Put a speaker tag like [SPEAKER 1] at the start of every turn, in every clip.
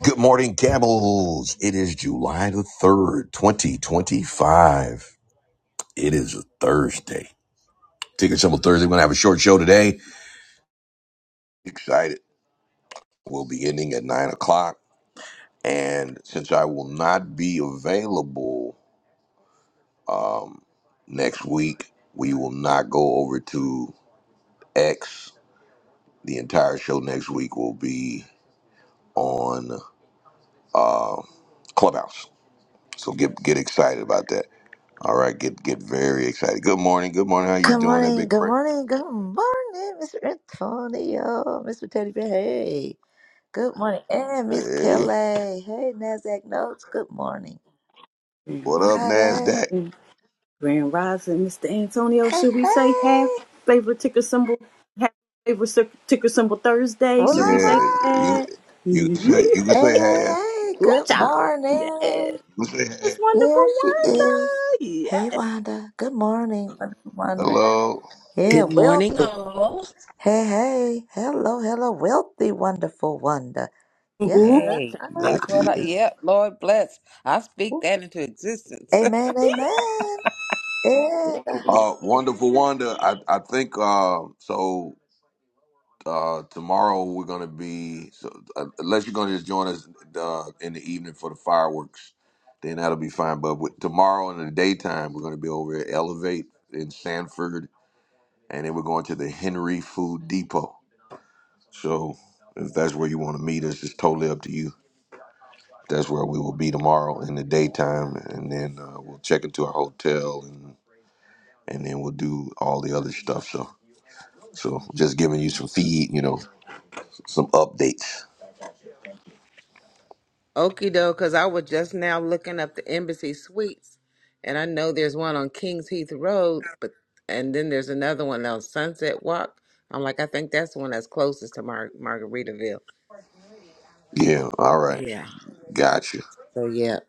[SPEAKER 1] Good morning, camels. It is July the 3rd, 2025. It is a Thursday. Ticker symbol Thursday. We're going to have a short show today. Excited. We'll be ending at 9 o'clock. And since I will not be available um, next week, we will not go over to X. The entire show next week will be on uh, Clubhouse. So get get excited about that. All right, get get very excited. Good morning, good morning. How you
[SPEAKER 2] Good
[SPEAKER 1] doing, that
[SPEAKER 2] morning,
[SPEAKER 1] big
[SPEAKER 2] good
[SPEAKER 1] prayer?
[SPEAKER 2] morning, good morning, Mr. Antonio, Mr. Teddy Bear. Hey, good morning, and Miss
[SPEAKER 1] Hey,
[SPEAKER 2] Kelly. Hey, Nasdaq Notes. Good morning,
[SPEAKER 3] Grand
[SPEAKER 1] what up,
[SPEAKER 2] Friday.
[SPEAKER 1] Nasdaq?
[SPEAKER 3] Rising, Grand Rising, Mr. Antonio,
[SPEAKER 2] Hey,
[SPEAKER 3] should we say half
[SPEAKER 2] hey,
[SPEAKER 3] favorite ticker symbol, half favorite cir- ticker symbol Thursday? Should
[SPEAKER 2] wula
[SPEAKER 3] we
[SPEAKER 2] wa.
[SPEAKER 3] say
[SPEAKER 1] Yeah, you
[SPEAKER 3] that?
[SPEAKER 1] you can say you
[SPEAKER 3] Ooh,
[SPEAKER 1] can say
[SPEAKER 2] Hey, hey,
[SPEAKER 1] half.
[SPEAKER 2] hey. Good
[SPEAKER 3] child. Yes.
[SPEAKER 2] morning.
[SPEAKER 1] You can say half.
[SPEAKER 3] Wonderful
[SPEAKER 2] There she is.
[SPEAKER 3] Wanda. Yes.
[SPEAKER 2] Hey, Wanda. Good morning, wonderful Wanda.
[SPEAKER 1] Hello,
[SPEAKER 2] Yeah,
[SPEAKER 4] Good morning,
[SPEAKER 2] wealthy.
[SPEAKER 4] all.
[SPEAKER 2] Hey, hey, hello, hello, wealthy, wonderful Wanda. Yeah.
[SPEAKER 3] Ooh,
[SPEAKER 4] Hey,
[SPEAKER 1] that's
[SPEAKER 4] that's what I,
[SPEAKER 1] it.
[SPEAKER 4] yep, Lord bless. I speak that into existence.
[SPEAKER 2] Amen, amen. Yeah,
[SPEAKER 1] Uh, wonderful wonder. I I think uh, so. Uh, tomorrow we're gonna be so uh, unless you're gonna just join us uh, in the evening for the fireworks, then that'll be fine. But with, tomorrow in the daytime we're gonna be over at Elevate in Sanford and then we're going to the Henry Food Depot. So if that's where you want to meet us, it's totally up to you. That's where we will be tomorrow in the daytime, and then uh, we'll check into our hotel, and and then we'll do all the other stuff. So so just giving you some feed, you know, some updates.
[SPEAKER 4] Okie doke, because I was just now looking up the Embassy Suites, and I know there's one on Kings Heath Road, but and then there's another one on Sunset Walk. I'm like, I think that's the one that's closest to Mar- Margaritaville.
[SPEAKER 1] Yeah, all right,
[SPEAKER 4] Yeah.
[SPEAKER 1] gotcha.
[SPEAKER 4] So, yeah,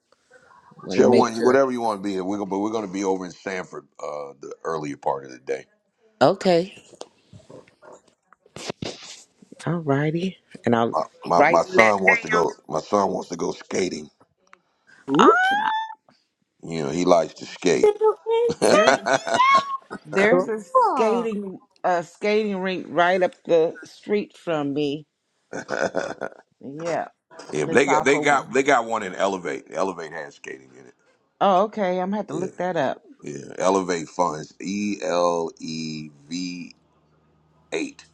[SPEAKER 4] want to
[SPEAKER 1] Whichever one,
[SPEAKER 4] make
[SPEAKER 1] you-
[SPEAKER 4] sure.
[SPEAKER 1] whatever you want to be, we're gonna, but we're going to be over in Sanford uh, the earlier part of the day.
[SPEAKER 4] Okay, all righty. And I'll
[SPEAKER 1] My, my
[SPEAKER 4] write
[SPEAKER 1] my
[SPEAKER 4] that
[SPEAKER 1] son wants to go.
[SPEAKER 4] down.
[SPEAKER 1] My son wants to go skating.
[SPEAKER 4] Ah!
[SPEAKER 3] ooh, child.
[SPEAKER 1] You know, he likes to skate.
[SPEAKER 3] Little
[SPEAKER 4] There's There's a
[SPEAKER 2] cool.
[SPEAKER 4] skating a skating rink right up the street from me.
[SPEAKER 1] yeah,
[SPEAKER 4] Yeah,
[SPEAKER 1] but
[SPEAKER 4] it's
[SPEAKER 1] they got
[SPEAKER 4] off
[SPEAKER 1] they
[SPEAKER 4] of
[SPEAKER 1] got
[SPEAKER 4] one.
[SPEAKER 1] they got one in Elevate. Elevate has skating in it.
[SPEAKER 4] Oh, okay. I'm gonna have to look
[SPEAKER 1] Yeah,
[SPEAKER 4] that up.
[SPEAKER 1] yeah. Elevate Funds. E L E V eight.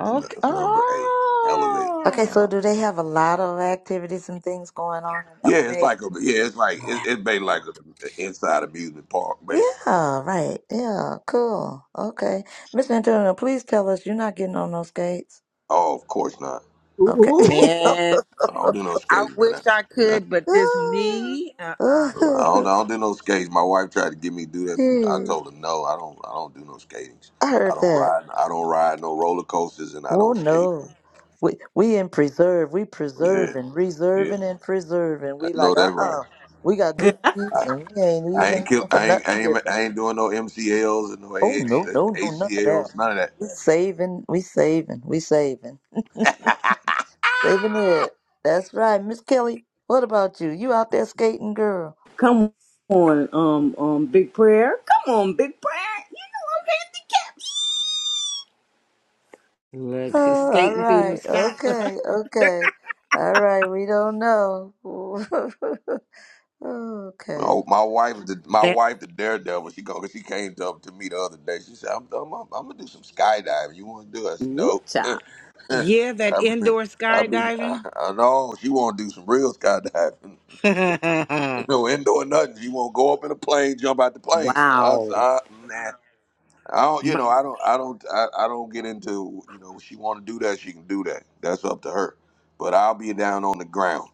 [SPEAKER 4] Okay.
[SPEAKER 1] That's number eight. Elevate.
[SPEAKER 2] Okay, so
[SPEAKER 4] Oh
[SPEAKER 2] do they have a lot of activities and things going on in
[SPEAKER 1] Yeah, it's
[SPEAKER 2] Elevate?
[SPEAKER 1] like a yeah, it's like it, it's basically like an inside amusement park, basically.
[SPEAKER 2] Yeah, right. Yeah, cool. Okay. Mr. Antonio, please tell us you're not getting on those skates.
[SPEAKER 1] Oh, of course not.
[SPEAKER 3] Antonio.
[SPEAKER 2] Okay.
[SPEAKER 3] Ooh.
[SPEAKER 4] man,
[SPEAKER 1] I don't do no
[SPEAKER 4] I
[SPEAKER 1] skating, man. I,
[SPEAKER 4] wish I could, but this knee. Uh
[SPEAKER 2] Oh,
[SPEAKER 4] uh
[SPEAKER 1] I don't,
[SPEAKER 2] oh,
[SPEAKER 1] I don't do no skates. My wife tried to get me to do that. From, I
[SPEAKER 2] Jeez,
[SPEAKER 1] told her no. I don't. I don't do no skatings.
[SPEAKER 2] I
[SPEAKER 1] I
[SPEAKER 2] heard
[SPEAKER 1] don't
[SPEAKER 2] that.
[SPEAKER 1] ride. I don't ride no roller coasters, and I
[SPEAKER 2] Oh
[SPEAKER 1] don't skate.
[SPEAKER 2] no. We we in preserve. We
[SPEAKER 1] Yeah,
[SPEAKER 2] preserving,
[SPEAKER 1] yeah.
[SPEAKER 2] reserving and preserving. We
[SPEAKER 1] No,
[SPEAKER 2] like, uh
[SPEAKER 1] that's right.
[SPEAKER 2] uh We got good news
[SPEAKER 1] I,
[SPEAKER 2] and we ain't
[SPEAKER 1] I
[SPEAKER 2] even
[SPEAKER 1] ain't kill.
[SPEAKER 2] looking for
[SPEAKER 1] I ain't,
[SPEAKER 2] nothing
[SPEAKER 1] I
[SPEAKER 2] different.
[SPEAKER 1] ain't. I ain't doing no MCLs and no
[SPEAKER 2] Oh no,
[SPEAKER 1] AH,
[SPEAKER 2] no, no, none of that.
[SPEAKER 1] ACLs. None of
[SPEAKER 2] We saving, we saving, we saving,
[SPEAKER 1] that.
[SPEAKER 2] saving it. That's right, Miss Kelly. What about you? You out there skating, girl?
[SPEAKER 3] Come on, um, um, Big Prayer. Come on, Big Prayer.
[SPEAKER 4] Look, she's
[SPEAKER 2] Oh, all
[SPEAKER 4] skating through them
[SPEAKER 2] right,
[SPEAKER 4] stops.
[SPEAKER 2] okay, okay, all right. We don't know. okay,
[SPEAKER 1] oh, my wife. The, my
[SPEAKER 4] That
[SPEAKER 1] wife, the daredevil. She go. She came up to me the other day. She said, "I'm. I'm, I'm, gonna do some skydiving. You want to do it?" I
[SPEAKER 3] You
[SPEAKER 1] said,
[SPEAKER 3] know I'm handicapped. Ooh,
[SPEAKER 1] "Nope."
[SPEAKER 3] child.
[SPEAKER 4] yeah, that
[SPEAKER 1] I be.
[SPEAKER 4] indoor
[SPEAKER 1] I be. I,
[SPEAKER 4] skydiving.
[SPEAKER 1] I know she want to do some real skydiving. No indoor nothing. She want to go up in a plane, jump out the plane. I, s-
[SPEAKER 3] Wow.
[SPEAKER 1] I, nah. I don't, you
[SPEAKER 4] My,
[SPEAKER 1] know, I don't, I don't, I, I don't get into, you know, she want to do that, she can do that. That's up to her. But I'll be down on the ground.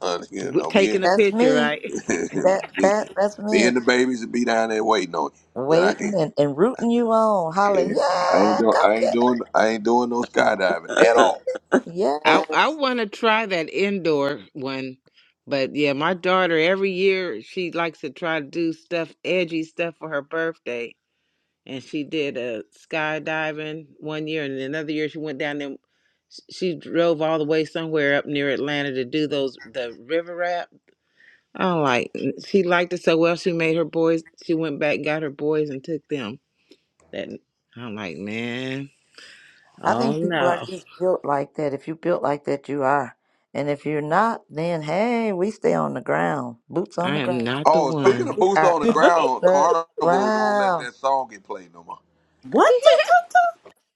[SPEAKER 1] you
[SPEAKER 4] w-
[SPEAKER 1] know, me
[SPEAKER 4] taking
[SPEAKER 1] and
[SPEAKER 4] a
[SPEAKER 2] that's
[SPEAKER 4] picture,
[SPEAKER 2] me.
[SPEAKER 4] right?
[SPEAKER 2] That
[SPEAKER 1] me,
[SPEAKER 2] that that's
[SPEAKER 1] me
[SPEAKER 2] me.
[SPEAKER 1] and the babies will be down there waiting on you. But
[SPEAKER 2] Waiting
[SPEAKER 1] I
[SPEAKER 2] and, and rooting you on, hollering,
[SPEAKER 1] ain't, I ain't
[SPEAKER 2] yeah,
[SPEAKER 1] doing,
[SPEAKER 2] go
[SPEAKER 1] I ain't
[SPEAKER 2] get
[SPEAKER 1] doing, I ain't doing no skydiving
[SPEAKER 2] it, get
[SPEAKER 1] at
[SPEAKER 2] it.
[SPEAKER 1] all.
[SPEAKER 4] I
[SPEAKER 2] Yes,
[SPEAKER 4] I want to try that indoor one, but yeah, my daughter every year she likes to try to do stuff edgy stuff for her birthday, and she did a skydiving one year, and another year she went down and sh- she drove all the way somewhere up near Atlanta to do those the river rap. I'm like, she liked it so well. She made her boys. She went back, got her boys, and took them. That I'm like, man,
[SPEAKER 2] I
[SPEAKER 4] oh
[SPEAKER 2] think people are
[SPEAKER 4] no,
[SPEAKER 2] just built like that. If you built like that, you are. And if you're not, then hey, we stay on the ground, boots on
[SPEAKER 4] I
[SPEAKER 2] the
[SPEAKER 4] am
[SPEAKER 2] ground.
[SPEAKER 4] not the
[SPEAKER 1] Oh, speaking
[SPEAKER 4] one.
[SPEAKER 1] of
[SPEAKER 2] we
[SPEAKER 1] boots
[SPEAKER 2] are
[SPEAKER 1] on the
[SPEAKER 2] on
[SPEAKER 1] ground,
[SPEAKER 2] the
[SPEAKER 1] Carnival won't let
[SPEAKER 2] ground.
[SPEAKER 1] that song get played no more.
[SPEAKER 3] what? Ta, ta, ta.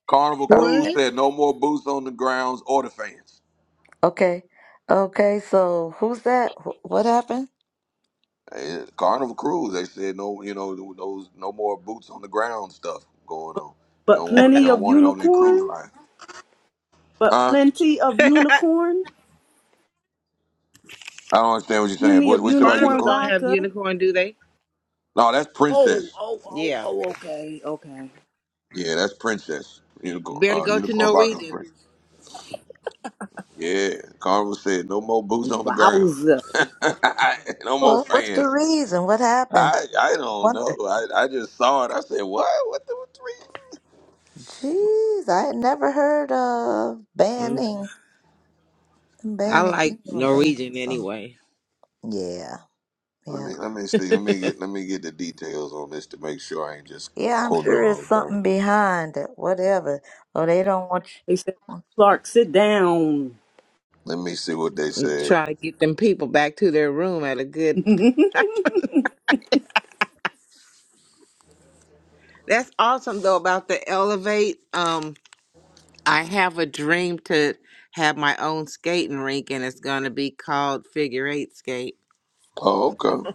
[SPEAKER 1] Carnival
[SPEAKER 2] Okay,
[SPEAKER 1] Cruise
[SPEAKER 4] What?
[SPEAKER 1] said no more boots on the grounds or the fans.
[SPEAKER 2] okay, okay. So who's that? Wh- What happened?
[SPEAKER 1] Eh, Carnival Cruise, they said no, you know, those no more boots on the ground stuff going on. They
[SPEAKER 3] But
[SPEAKER 1] don't want it. They
[SPEAKER 3] plenty
[SPEAKER 1] don't
[SPEAKER 3] of
[SPEAKER 1] want it on their cruise
[SPEAKER 3] unicorns.
[SPEAKER 1] line,
[SPEAKER 3] but
[SPEAKER 1] huh?
[SPEAKER 3] plenty of unicorn,
[SPEAKER 1] I don't understand what you're saying.
[SPEAKER 3] plenty
[SPEAKER 1] What,
[SPEAKER 3] of
[SPEAKER 1] what's about
[SPEAKER 4] Carnival
[SPEAKER 3] unicorn
[SPEAKER 1] unicorn?
[SPEAKER 4] don't have
[SPEAKER 3] vodka.
[SPEAKER 4] unicorn, do they?
[SPEAKER 1] No, that's
[SPEAKER 3] Oh,
[SPEAKER 1] princess.
[SPEAKER 3] oh, oh,
[SPEAKER 4] Yeah.
[SPEAKER 3] oh, okay, okay.
[SPEAKER 1] Yeah, that's princess.
[SPEAKER 4] You
[SPEAKER 1] Unicorn,
[SPEAKER 4] better
[SPEAKER 1] uh,
[SPEAKER 4] go to
[SPEAKER 1] unicorn vodka. is
[SPEAKER 4] Norwegian.
[SPEAKER 1] Princess. Yeah, Carnival said no more boots on the ground.
[SPEAKER 3] Wowza.
[SPEAKER 1] no more
[SPEAKER 2] Well, what's the
[SPEAKER 1] fans.
[SPEAKER 2] reason? What happened?
[SPEAKER 1] I I don't know.
[SPEAKER 2] Wonder.
[SPEAKER 1] I, I just saw it. I said, what? What the what the reason?
[SPEAKER 2] Jeez, I had never heard of
[SPEAKER 4] Mm,
[SPEAKER 2] banning,
[SPEAKER 4] I
[SPEAKER 2] banning
[SPEAKER 4] like
[SPEAKER 2] anyone banning a
[SPEAKER 4] Norwegian
[SPEAKER 2] song.
[SPEAKER 4] anyway.
[SPEAKER 2] Yeah,
[SPEAKER 1] Let
[SPEAKER 2] yeah.
[SPEAKER 1] me let me see. Let me get let me get the details on this to make sure I ain't just
[SPEAKER 2] Yeah, I'm
[SPEAKER 1] quoting the
[SPEAKER 2] sure there's
[SPEAKER 1] wrong thing.
[SPEAKER 2] something behind it. Whatever. Oh, they don't want
[SPEAKER 3] They said,
[SPEAKER 2] you.
[SPEAKER 3] Clark, sit down.
[SPEAKER 1] Let me see what they said.
[SPEAKER 4] Try to get them people back to their room at a good
[SPEAKER 3] With
[SPEAKER 4] That's awesome though about the elevate. Um I have a dream to have my own skating rink and it's gonna be called figure eight skate.
[SPEAKER 1] Oh, okay.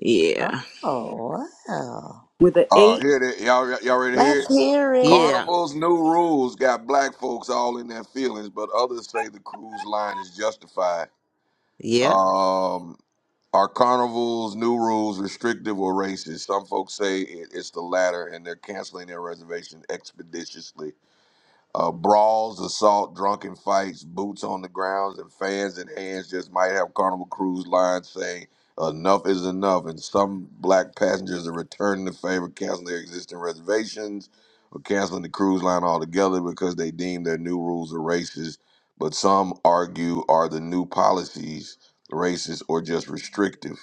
[SPEAKER 4] Yeah.
[SPEAKER 2] Oh, wow.
[SPEAKER 3] an
[SPEAKER 1] Uh,
[SPEAKER 3] eight.
[SPEAKER 1] here they y'all y'all ready to hear
[SPEAKER 2] Let's
[SPEAKER 1] it?
[SPEAKER 2] hear it.
[SPEAKER 4] Yeah.
[SPEAKER 1] Carnival's new rules got black folks all in their feelings, but others say the cruise line is justified.
[SPEAKER 4] Yeah.
[SPEAKER 1] Um, are Carnival's new rules restrictive or racist? Some folks say it, it's the latter, and they're canceling their reservation expeditiously. Uh, brawls, assault, drunken fights, boots on the grounds, and fans in hands just might have Carnival Cruise Line saying, enough is enough, and some black passengers are returning the favor, canceling their existing reservations, or canceling the cruise line altogether because they deem their new rules are racist. But some argue are the new policies racist or just restrictive.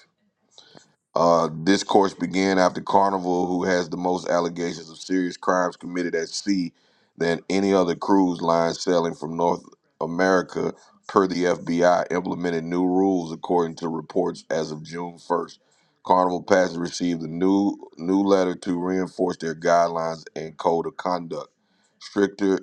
[SPEAKER 1] Uh, discourse began after Carnival, who has the most allegations of serious crimes committed at sea than any other cruise line sailing from North America, per the FBI, implemented new rules according to reports as of June 1st. Carnival passengers received a new new letter to reinforce their guidelines and code of conduct. stricter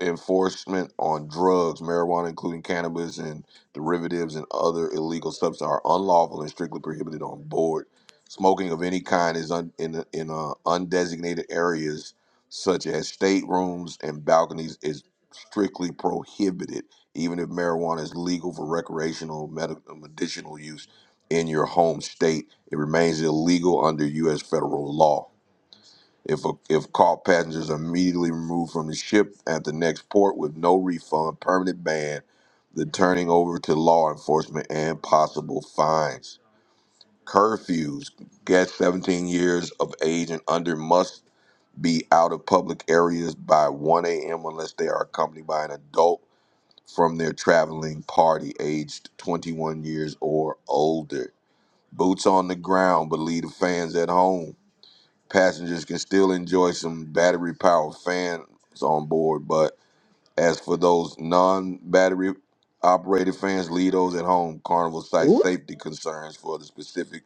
[SPEAKER 1] enforcement on drugs, marijuana, including cannabis and derivatives and other illegal substances, are unlawful and strictly prohibited on board. Smoking of any kind is un, in in uh, undesignated areas such as staterooms and balconies is strictly prohibited, even if marijuana is legal for recreational, medical, medicinal use in your home state. It remains illegal under U.S. federal law. If a if caught, passengers are immediately removed from the ship at the next port with no refund, permanent ban, the turning over to law enforcement, and possible fines. Curfews: Guests 17 years of age and under must be out of public areas by 1 a.m. unless they are accompanied by an adult from their traveling party, aged 21 years or older. Boots on the ground, but leave the fans at home Passengers can still enjoy some battery powered fans on board, but as for those non battery operated fans, leave those at home. Carnival cites
[SPEAKER 3] Ooh,
[SPEAKER 1] safety concerns for the specific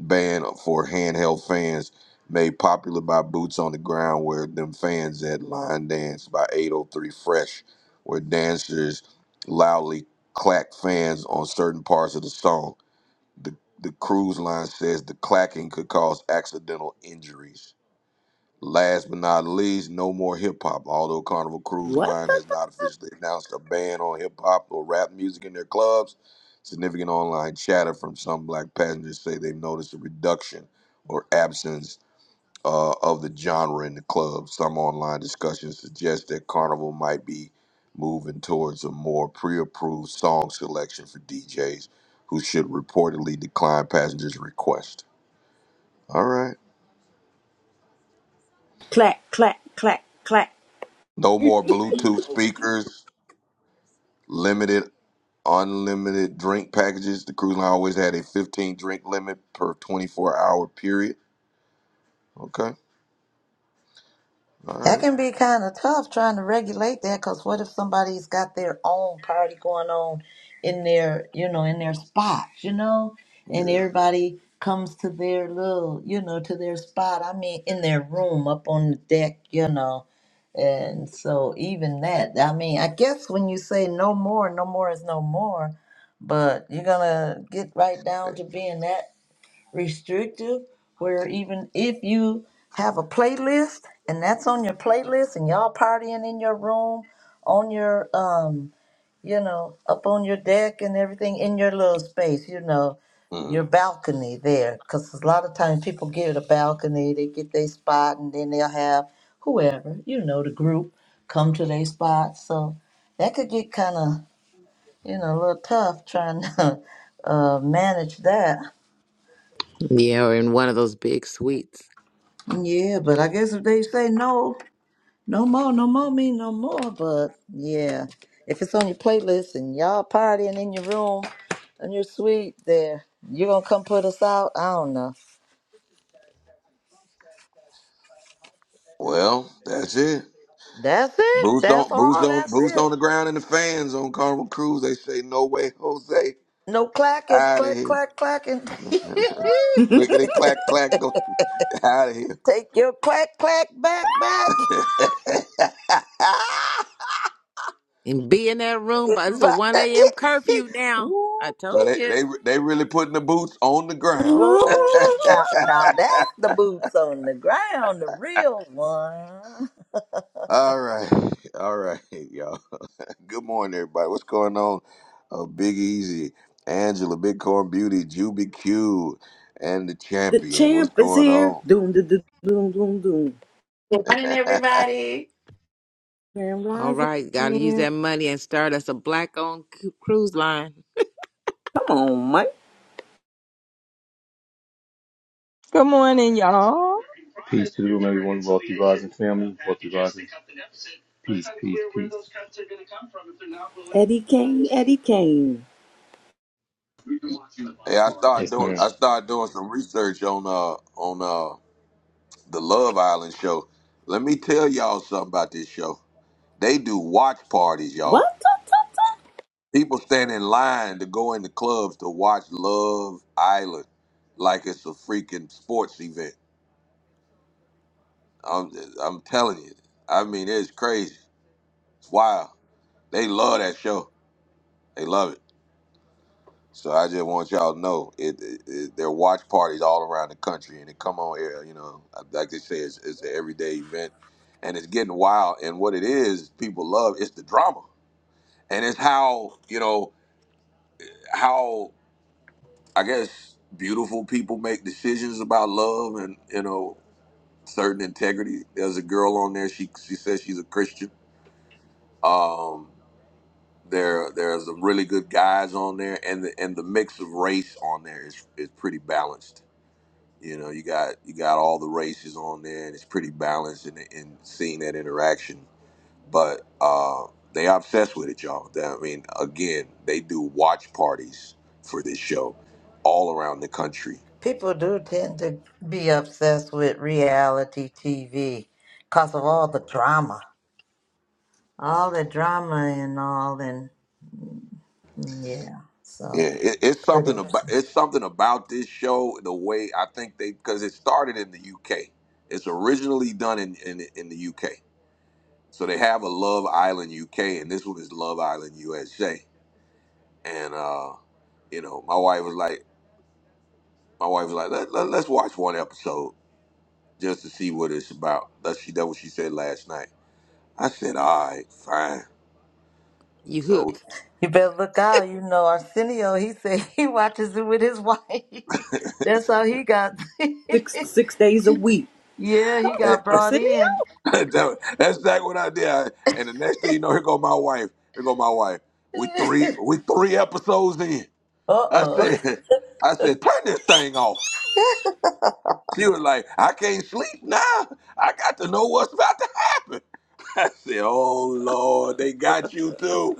[SPEAKER 1] ban for handheld fans made popular by Boots on the Ground, where them fans at Line Dance by 803 Fresh, where dancers loudly clack fans on certain parts of the song. The, the cruise line says the clacking could cause accidental injuries. Last but not least, no more hip hop. Although Carnival Cruise
[SPEAKER 3] what
[SPEAKER 1] Line
[SPEAKER 3] the?
[SPEAKER 1] has
[SPEAKER 3] th-
[SPEAKER 1] not officially announced a ban on hip hop or rap music in their clubs, significant online chatter from some black passengers say they've noticed a reduction or absence uh, of the genre in the club. Some online discussions suggest that Carnival might be moving towards a more pre approved song selection for DJs who should reportedly decline passengers' requests. All right.
[SPEAKER 3] Clack, clack, clack, clack.
[SPEAKER 1] No more Bluetooth speakers limited unlimited drink packages. The cruise line always had a 15 drink limit per 24 hour period. Okay. All
[SPEAKER 2] That
[SPEAKER 1] right.
[SPEAKER 2] can be kind of tough trying to regulate that because what if somebody's got their own party going on in their, you know, in their spot, you know, and
[SPEAKER 1] Yeah.
[SPEAKER 2] everybody comes to their little, you know, to their spot. I mean, in their room up on the deck, you know. And so even that, I mean, I guess when you say no more, no more is no more, but you're going to get right down to being that restrictive where even if you have a playlist and that's on your playlist and y'all partying in your room on your um you know up on your deck and everything in your little space you know your
[SPEAKER 1] Mhm.
[SPEAKER 2] balcony there because a lot of times people get a balcony they get their spot and then they'll have whoever you know the group come to their spot so that could get kind of you know a little tough trying to uh, manage that
[SPEAKER 4] Yeah, or in one of those big suites.
[SPEAKER 2] Yeah, but I guess if they say no, no more, no more mean no more. But yeah, if it's on your playlist and y'all partying in your room and your suite, there you're gonna come put us out. I don't know.
[SPEAKER 1] Well, that's it.
[SPEAKER 2] That's it.
[SPEAKER 1] Boots
[SPEAKER 2] That's
[SPEAKER 1] on, boots
[SPEAKER 2] all.
[SPEAKER 1] on,
[SPEAKER 2] That's
[SPEAKER 1] boots
[SPEAKER 2] it.
[SPEAKER 1] on the ground, and the fans on Carnival Cruise. They say, "No way, Jose,
[SPEAKER 2] No clacking,
[SPEAKER 1] out of
[SPEAKER 2] clack,
[SPEAKER 1] here!"
[SPEAKER 2] clack, clacking.
[SPEAKER 1] Clickety clack clack, go out of here.
[SPEAKER 2] Take your clack, clack back, back.
[SPEAKER 4] And be in that room, but it's a
[SPEAKER 2] but
[SPEAKER 4] one AM curfew now.
[SPEAKER 2] woo,
[SPEAKER 4] I
[SPEAKER 1] so
[SPEAKER 4] told
[SPEAKER 1] they
[SPEAKER 4] you.
[SPEAKER 1] they they really putting the boots on the ground.
[SPEAKER 2] whoa, now, now that's the boots on the ground, the real one.
[SPEAKER 1] all right, all right, y'all. Good morning, everybody. What's going on? Uh, Big Easy, Angela, Big Corn Beauty, Juby Q, and the
[SPEAKER 3] The
[SPEAKER 1] champion. What's
[SPEAKER 3] champ is
[SPEAKER 1] going
[SPEAKER 3] here.
[SPEAKER 1] on?
[SPEAKER 3] Doom, doom, doom, doom, doom, doom.
[SPEAKER 5] Good morning, everybody.
[SPEAKER 3] Grand
[SPEAKER 4] All
[SPEAKER 3] Rising
[SPEAKER 4] right, gotta use that
[SPEAKER 3] Champ.
[SPEAKER 4] money and start us a black owned cruise line.
[SPEAKER 3] Come on, Mike.
[SPEAKER 6] Good morning, y'all.
[SPEAKER 3] Eddie Kane, Eddie Kane.
[SPEAKER 1] Hey, I started doing I started doing some research on uh on uh the Love Island show. Let me tell y'all something about this show. They do watch parties,
[SPEAKER 3] What?
[SPEAKER 1] y'all.
[SPEAKER 3] the-
[SPEAKER 1] People stand in line to go in the clubs to watch Love Island like it's a freaking sports event. I'm I'm telling you. I mean, it's crazy. It's wild. They love that show. They love it. So I just want y'all to know it, it, it there are watch parties all around the country, and it come on air. You know, like they say, it's, it's an everyday event, and it's getting wild. And what it is, people love it's the drama, and it's how you know how I guess beautiful people make decisions about love and you know certain integrity. There's a girl on there. She she says she's a Christian. Um, There, there's some really good guys on there, and the and the mix of race on there is is pretty balanced. You know, you got you got all the races on there, and it's pretty balanced in, in seeing that interaction. But uh, they obsessed with it, y'all. That- I mean, again, they do watch parties for this show all around the country.
[SPEAKER 2] people do tend to be obsessed with reality TV because of all the drama, all the drama and all, and mm, yeah, so
[SPEAKER 1] Yeah, it, it's
[SPEAKER 2] pretty.
[SPEAKER 1] something about it's something about this show. The way I think they because it started in the UK. It's originally done in in, in the UK So they have a Love Island UK, and this one is Love Island USA. And uh, you know, my wife was like, my wife was like, let, let, us watch one episode just to see what it's about. That she that what she said last night. I said, all right, fine.
[SPEAKER 4] You
[SPEAKER 1] So
[SPEAKER 4] hooked.
[SPEAKER 2] You better look out. You know, Arsenio, he said he watches it with his wife. That's how he got.
[SPEAKER 3] Six, six days a week.
[SPEAKER 2] yeah, he
[SPEAKER 1] that-
[SPEAKER 2] got brought
[SPEAKER 3] Arsenio?
[SPEAKER 2] in.
[SPEAKER 1] that's not what I did. I- and the next thing you know, here go my wife. Here go my wife. We three we three episodes in.
[SPEAKER 2] Uh
[SPEAKER 1] I
[SPEAKER 2] oh,
[SPEAKER 1] said, I said, turn this thing off. She was like, I can't sleep now. I got to know what's about to happen. I said, "Oh Lord, they got you too."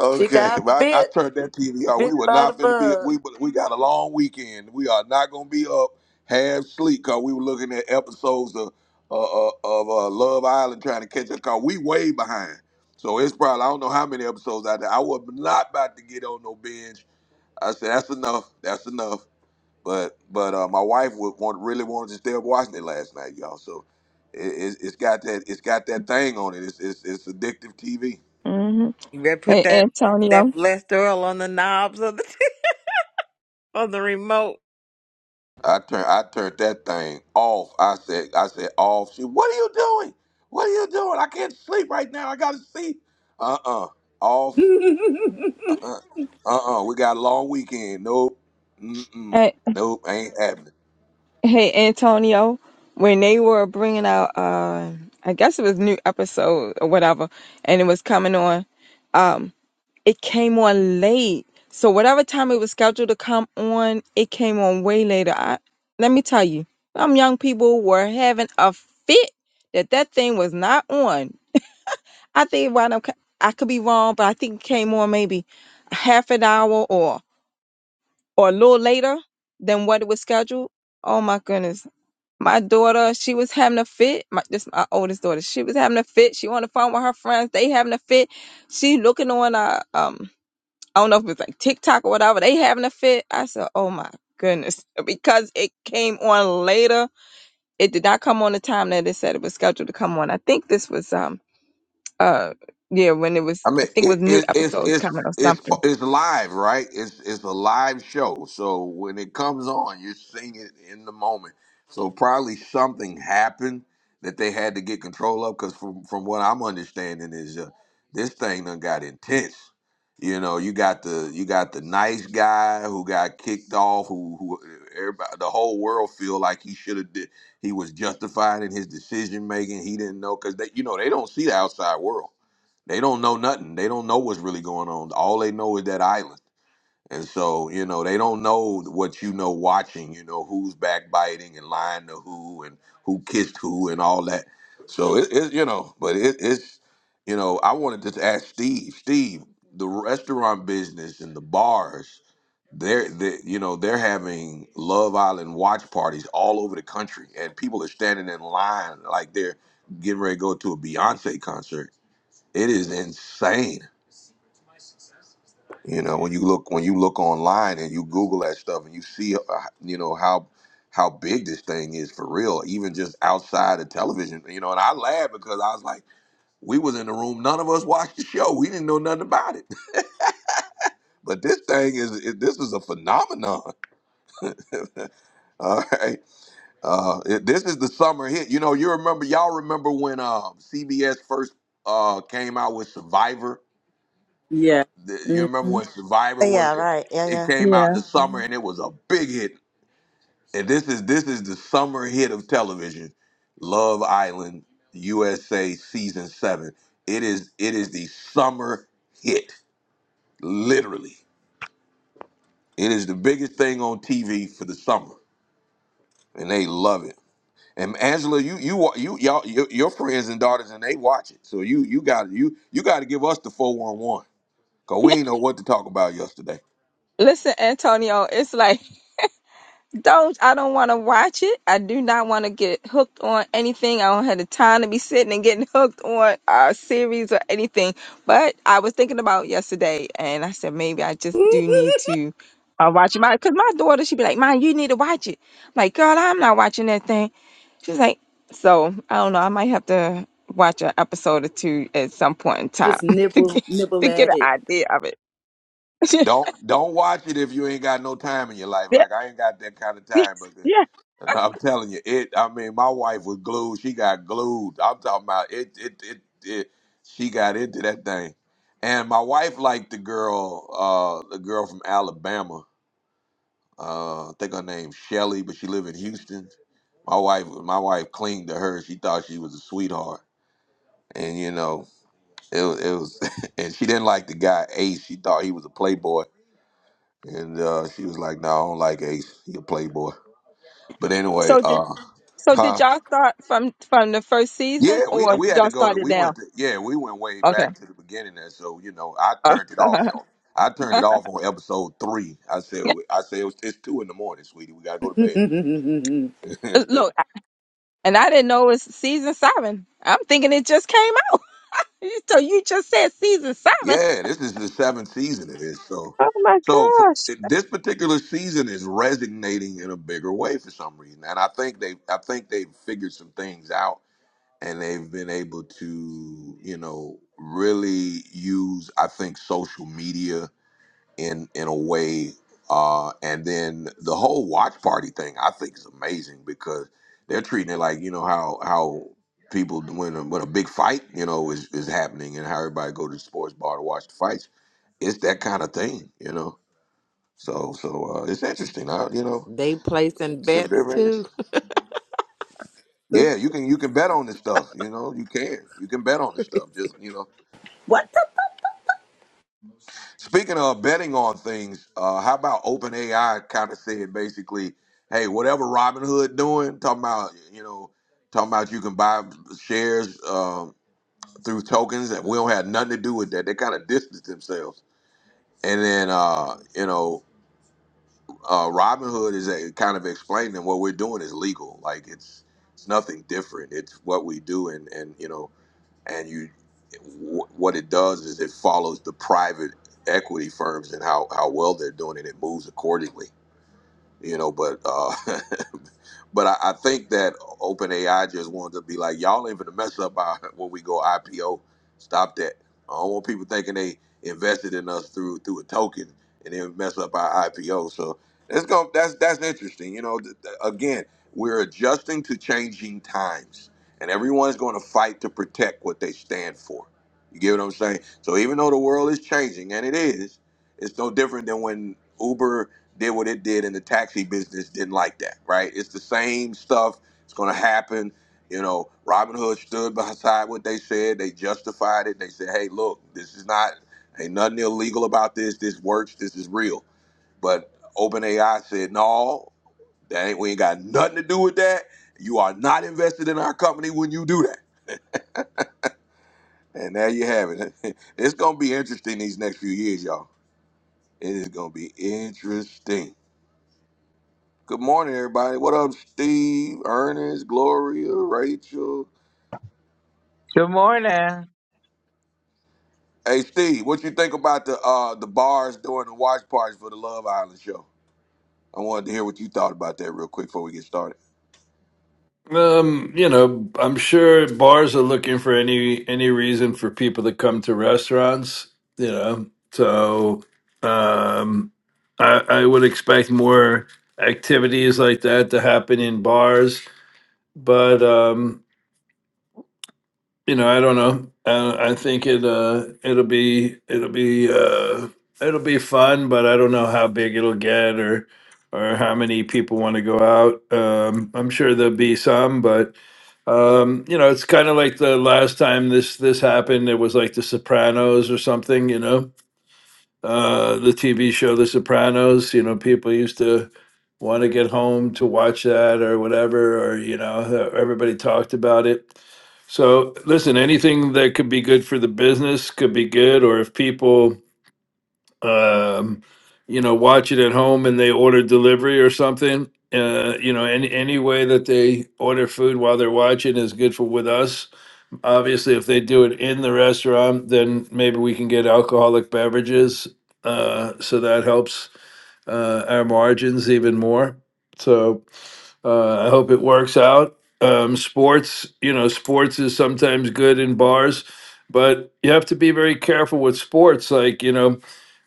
[SPEAKER 2] she got
[SPEAKER 1] but I, I
[SPEAKER 2] bit,
[SPEAKER 1] turned that TV off.
[SPEAKER 2] bit
[SPEAKER 1] We were
[SPEAKER 2] by the
[SPEAKER 1] not finna be.
[SPEAKER 2] bug.
[SPEAKER 1] We we got a long weekend. We are not gonna be up half sleep because we were looking at episodes of uh, uh, of uh, Love Island trying to catch up. Cause we way behind. So it's probably I don't know how many episodes out there. I was not about to get on no binge. I said that's enough. That's enough. But but uh, my wife would want really wanted to stay up watching it last night, y'all. So it, it, it's got that it's got that thing on it. It's, it's it's addictive TV.
[SPEAKER 6] hmm
[SPEAKER 4] You better put
[SPEAKER 6] Hey,
[SPEAKER 4] that that
[SPEAKER 6] Antonio.
[SPEAKER 4] blessed oil on the knobs of the on the remote.
[SPEAKER 1] I turn I turned that thing off. I said I said off. She, what are you doing? What are you doing? I can't sleep right now. I gotta sleep. Uh uh off. Uh uh-uh. uh We got a long weekend. Nope. Mm mm.
[SPEAKER 6] Hey,
[SPEAKER 1] Nope. Ain't happening.
[SPEAKER 6] hey, Antonio. When they were bringing out, uh, I guess it was new episode or whatever, and it was coming on. Um, it came on late, so whatever time it was scheduled to come on, it came on way later. I, let me tell you, some young people were having a fit that that thing was not on. I think why I could be wrong, but I think it came on maybe half an hour or or a little later than what it was scheduled. Oh my goodness. My daughter, she was having a fit. My this my oldest daughter. She was having a fit. She on the phone with her friends. They having a fit. She looking on uh um I don't know if it was like TikTok or whatever. They having a fit. I said, Oh my goodness. Because it came on later. It did not come on the time that it said it was scheduled to come on. I think this was um uh yeah, when it was
[SPEAKER 1] I mean,
[SPEAKER 6] I think it
[SPEAKER 1] it,
[SPEAKER 6] was new
[SPEAKER 1] it, it's
[SPEAKER 6] episodes
[SPEAKER 1] it's
[SPEAKER 6] coming or
[SPEAKER 1] it's
[SPEAKER 6] something.
[SPEAKER 1] it's live, right? It's it's a live show, so when it comes on, you sing it in the moment. So probably something happened that they had to get control of, because from from what I'm understanding is uh, this thing done got intense. You know, you got the you got the nice guy who got kicked off, who who everybody the whole world feel like he should have did. He was justified in his decision making. He didn't know because they you know they don't see the outside world they don't know nothing. They don't know what's really going on. All they know is that island. And so, you know, they don't know what you know watching, you know, who's backbiting and lying to who and who kissed who and all that. So it, it you know, but it, it's, you know, I wanted to just ask Steve, Steve, the restaurant business and the bars, they're, they, you know, they're having Love Island watch parties all over the country and people are standing in line like they're getting ready to go to a Beyonce concert it is insane you know when you look when you look online and you google that stuff and you see uh, you know how how big this thing is for real even just outside of television you know and i laughed because i was like we was in the room none of us watched the show we didn't know nothing about it but this thing is it, this is a phenomenon all right uh it, this is the summer hit you know you remember y'all remember when um cbs first uh came out with survivor
[SPEAKER 3] Yeah.
[SPEAKER 1] the- you
[SPEAKER 3] hmm
[SPEAKER 1] remember when Survivor
[SPEAKER 2] Yeah,
[SPEAKER 1] was it,
[SPEAKER 2] right.
[SPEAKER 1] it
[SPEAKER 2] Yeah,
[SPEAKER 1] came out in
[SPEAKER 6] Yeah.
[SPEAKER 1] the
[SPEAKER 2] yeah.
[SPEAKER 1] summer and it was a big hit. And this is this is the summer hit of television. Love Island USA season 7. It is it is the summer hit literally. It is the biggest thing on TV for the summer and they love it. And Angela, you you wa- you y'all your, your friends and daughters and they watch it. So you you got you you got to give us the 411 cuz we ain't know what to talk about yesterday.
[SPEAKER 6] Listen, Antonio, it's like Those I don't want to watch it. I do not want to get hooked on anything. I don't have the time to be sitting and getting hooked on a series or anything. But I was thinking about yesterday, and I said maybe I just do need to uh, watch it. My because my daughter, she'd be like, "Mom, you need to watch it." I'm like, girl, I'm not watching that thing. She's like, so I don't know. I might have to watch an episode or two at some point in time
[SPEAKER 3] Just
[SPEAKER 6] to
[SPEAKER 3] nibble,
[SPEAKER 6] get
[SPEAKER 3] nibble
[SPEAKER 6] to get
[SPEAKER 3] at
[SPEAKER 6] an
[SPEAKER 3] it.
[SPEAKER 6] idea of it.
[SPEAKER 1] Don't don't watch it if you ain't got no time in your life.
[SPEAKER 6] yeah,
[SPEAKER 1] Like I ain't got that kind of
[SPEAKER 6] yeah,
[SPEAKER 1] time, but the-
[SPEAKER 6] yeah.
[SPEAKER 1] and I'm telling you, it. I mean, my wife was glued. She got glued. I'm talking about it. It. It. it she got into that thing, and my wife liked the girl, uh, the girl from Alabama. Uh, I think her name's Shelly, but she live in Houston. My wife, my wife clinged to her. She thought she was a sweetheart, and you know, it, was- it was. And she didn't like the guy Ace. She thought he was a playboy and uh, she was like, "No, I don't like Ace. He a playboy." But
[SPEAKER 6] So
[SPEAKER 1] anyway,
[SPEAKER 6] did
[SPEAKER 1] uh,
[SPEAKER 6] So did
[SPEAKER 1] huh?
[SPEAKER 6] y'all start from from the first season,
[SPEAKER 1] Yeah, we
[SPEAKER 6] or
[SPEAKER 1] we had to
[SPEAKER 6] y'all
[SPEAKER 1] go to.
[SPEAKER 6] started
[SPEAKER 1] We
[SPEAKER 6] now?
[SPEAKER 1] went to. Yeah, we went way
[SPEAKER 6] Okay.
[SPEAKER 1] back to the beginning there. So you know, I
[SPEAKER 6] Uh,
[SPEAKER 1] turned it off. On, I turned it off on episode three. I said, I said it's, it's two in the morning, sweetie. We gotta go to bed.
[SPEAKER 6] Look, and I didn't know it's season seven. I'm thinking it just came out. So you just said season seven.
[SPEAKER 1] yeah, this is the seventh season of this. So,
[SPEAKER 6] Oh my
[SPEAKER 1] so for,
[SPEAKER 6] gosh.
[SPEAKER 1] this particular season is resonating in a bigger way for some reason, and I think they, I think they've figured some things out and they've been able to, you know, really use I think social media in in a way. Uh, and then the whole watch party thing I think is amazing because they're treating it like you know how how people when a, when a big fight you know is, is happening and how everybody go to the sports bar to watch the fights. It's that kind of thing, you know. So so uh, it's interesting. I, you know,
[SPEAKER 4] They placing
[SPEAKER 1] it's very
[SPEAKER 4] bets too.
[SPEAKER 1] interesting. Yeah, you can you can bet on this stuff. You know, you can you can bet on this stuff. Just you know
[SPEAKER 3] what the?
[SPEAKER 1] Speaking of betting on things, uh, how about OpenAI kind of said basically, hey, whatever Robinhood doing, talking about you know, talking about you can buy shares um, through tokens, and we don't have nothing to do with that. They kind of distanced themselves, and then uh, you know, uh, Robinhood is a, kind of explaining what we're doing is legal, like it's it's nothing different. It's what we do, and and you know and you what it does is it follows the private equity firms and how how well they're doing and it moves accordingly you know but uh But I, I think that OpenAI just wanted to be like, y'all ain't gonna mess up our, when we go IPO. Stop that. I don't want people thinking they invested in us through through a token and then mess up our IPO. So that's going that's that's interesting. You know, th- th- again, we're adjusting to changing times, and everyone's going to fight to protect what they stand for. You get what I'm saying? So even though the world is changing, and it is, it's no different than when Uber did what it did in the taxi business, didn't like that, right? It's the same stuff. It's going to happen. You know, Robin Hood stood beside what they said. They justified it. They said, hey, look, this is not, ain't nothing illegal about this. This works. This is real. But OpenAI said, no, that ain't, we ain't got nothing to do with that. You are not invested in our company when you do that. And there you have it. it's going to be interesting these next few years, y'all. It is going to be interesting. Good morning, everybody. What up, Steve, Ernest, Gloria, Rachel?
[SPEAKER 7] Good morning.
[SPEAKER 1] Hey, Steve, what you think about the uh the bars doing the watch parties for the Love Island show? I wanted to hear what you thought about that real quick before we get started.
[SPEAKER 8] Um, you know, I'm sure bars are looking for any any reason for people to come to restaurants, you know. So, um I I would expect more activities like that to happen in bars, but um you know, I don't know. I, I think it uh it'll be it'll be uh it'll be fun, but I don't know how big it'll get or or how many people want to go out. Um I'm sure there'll be some, but um, you know, it's kind of like the last time this this happened. It was like The Sopranos or something. You know, uh, the TV show The Sopranos. You know, people used to want to get home to watch that or whatever, or you know, everybody talked about it. So, listen, anything that could be good for the business could be good, or if people, um, you know, watch it at home and they order delivery or something, uh, you know, any any way that they order food while they're watching is good for with us obviously if they do it in the restaurant then maybe we can get alcoholic beverages uh, so that helps uh, our margins even more so uh, i hope it works out um, sports you know sports is sometimes good in bars but you have to be very careful with sports like you know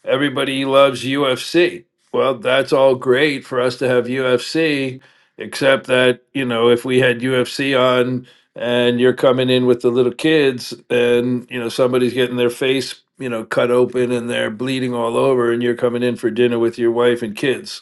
[SPEAKER 8] everybody loves UFC. Well, that's all great for us to have UFC, except that, you know, if we had UFC on and you're coming in with the little kids and, you know, somebody's getting their face, you know, cut open and they're bleeding all over and you're coming in for dinner with your wife and kids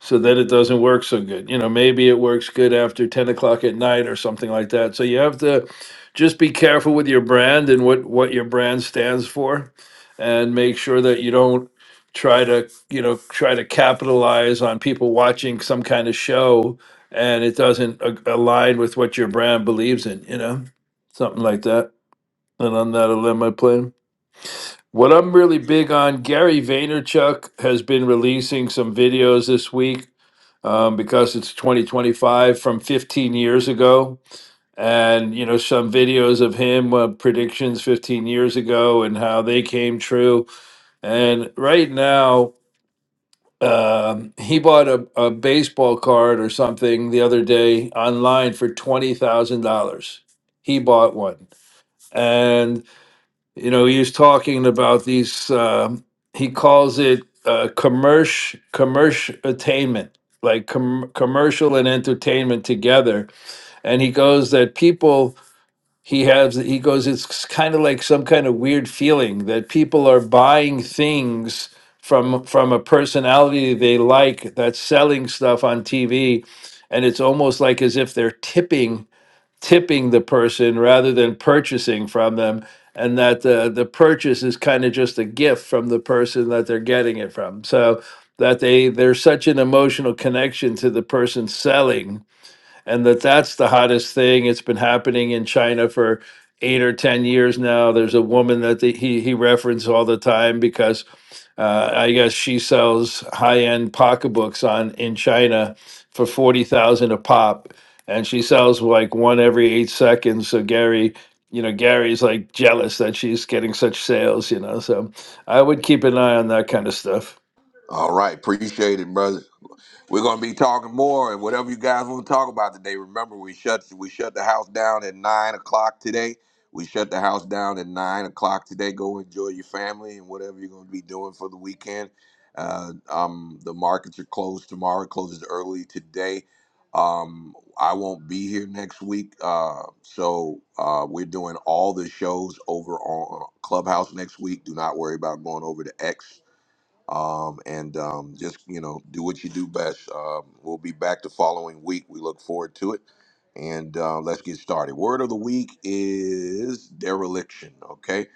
[SPEAKER 8] so that it doesn't work so good. You know, maybe it works good after 10 o'clock at night or something like that. So you have to just be careful with your brand and what, what your brand stands for and make sure that you don't try to, you know, try to capitalize on people watching some kind of show and it doesn't a- align with what your brand believes in, you know, something like that. And on that, I'll end my plan. What I'm really big on, Gary Vaynerchuk has been releasing some videos this week um, because it's 2025 from 15 years ago. And, you know, some videos of him, uh, predictions 15 years ago and how they came true. And right now, um, he bought a, a baseball card or something the other day online for $20,000. He bought one. and. You know, he was talking about these. Um, he calls it uh, commercial commercial attainment, like com- commercial and entertainment together. And he goes that people he has. He goes it's kind of like some kind of weird feeling that people are buying things from from a personality they like that's selling stuff on TV, and it's almost like as if they're tipping tipping the person rather than purchasing from them, and that uh, the purchase is kind of just a gift from the person that they're getting it from. So that they there's such an emotional connection to the person selling and that that's the hottest thing. It's been happening in China for eight or ten years now. There's a woman that the, he he references all the time because uh, I guess she sells high end pocketbooks on in China for forty thousand a pop, and she sells like one every eight seconds. So Gary. You know, Gary's like jealous that she's getting such sales, you know. So I would keep an eye on that kind of stuff.
[SPEAKER 1] All right, appreciate it, brother. We're gonna be talking more and whatever you guys want to talk about today. Remember, we shut we shut the house down at nine o'clock today. We shut the house down at nine o'clock today. Go enjoy your family and whatever you're gonna be doing for the weekend. Uh, um, the markets are closed tomorrow. It closes early today. Um, I won't be here next week, uh, so uh, we're doing all the shows over on Clubhouse next week. Do not worry about going over to X um, and um, just you know do what you do best. Um, we'll be back the following week. We look forward to it, and uh, let's get started. Word of the week is dereliction. Okay,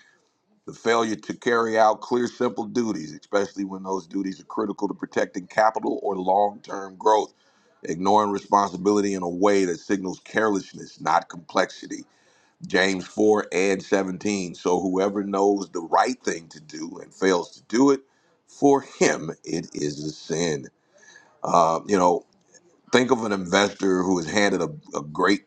[SPEAKER 1] the failure to carry out clear, simple duties, especially when those duties are critical to protecting capital or long-term growth. Ignoring responsibility in a way that signals carelessness, not complexity James 4 and 17. So whoever knows the right thing to do and fails to do it, for him it is a sin. Uh, you know, think of an investor who is handed a, a great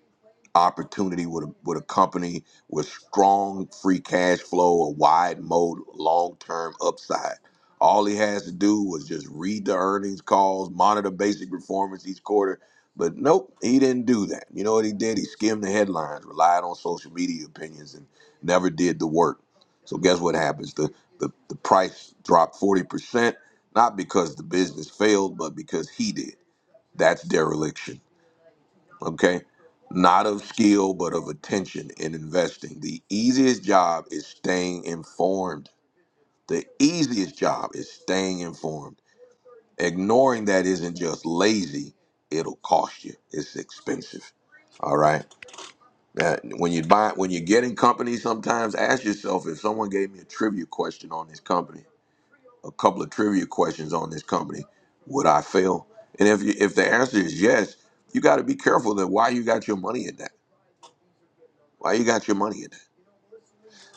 [SPEAKER 1] opportunity with a, with a company with strong free cash flow, a wide moat, long term upside. All he has to do was just read the earnings calls, monitor basic performance each quarter. But nope, he didn't do that. You know what he did? He skimmed the headlines, relied on social media opinions, and never did the work. So guess what happens? The the, the price dropped forty percent, not because the business failed, but because he did. That's dereliction okay? Not of skill, but of attention in investing. The easiest job is staying informed. The easiest job is staying informed. Ignoring that isn't just lazy, it'll cost you. It's expensive. All right. Uh, when you buy when you're getting companies, sometimes ask yourself if someone gave me a trivia question on this company, a couple of trivia questions on this company, would I fail? And if you, if the answer is yes, you got to be careful that why you got your money in that. Why you got your money in that?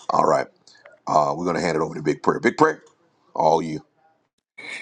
[SPEAKER 1] All right. Uh, we're gonna hand it over to Big Prayer. Big Prayer, all you.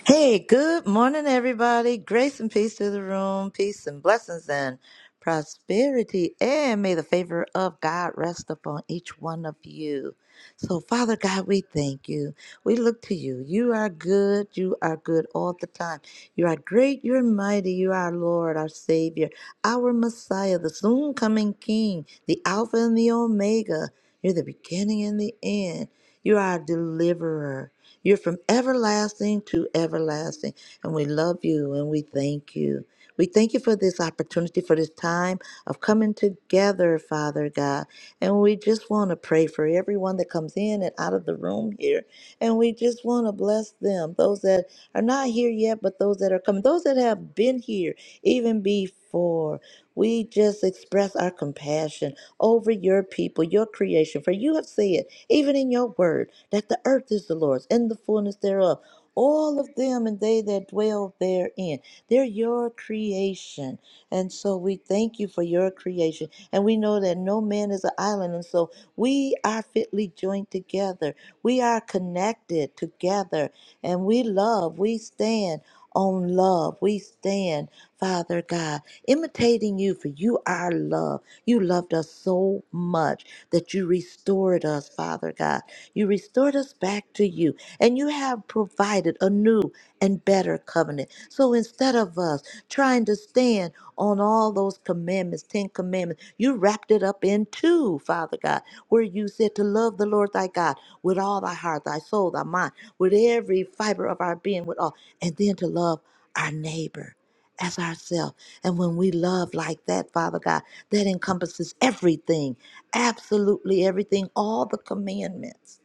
[SPEAKER 2] Hey, good morning, everybody. Grace and peace to the room, peace and blessings and prosperity. And may the favor of God rest upon each one of you. So, Father God, we thank you. We look to you. You are good. You are good all the time. You are great. You're mighty. You are Lord, our Savior, our Messiah, the soon coming King, the Alpha and the Omega. You're the beginning and the end. You are a deliverer. You're from everlasting to everlasting. And we love you and we thank you. We thank you for this opportunity, for this time of coming together, Father God. And we just want to pray for everyone that comes in and out of the room here. And we just want to bless them, those that are not here yet, but those that are coming, those that have been here even before. We just express our compassion over your people, your creation. For you have said, even in your word, that the earth is the Lord's and the fullness thereof. All of them and they that dwell therein. They're your creation. And so we thank you for your creation. And we know that no man is an island. And so we are fitly joined together. We are connected together. And we love. We stand on love. We stand, Father God, imitating you, for you are love. You loved us so much that you restored us, Father God. You restored us back to you, and you have provided a new and better covenant. So instead of us trying to stand, on all those commandments, Ten Commandments. You wrapped it up in two, Father God, where you said to love the Lord thy God with all thy heart, thy soul, thy mind, with every fiber of our being, with all, and then to love our neighbor as ourselves. And when we love like that, Father God, that encompasses everything, absolutely everything, all the commandments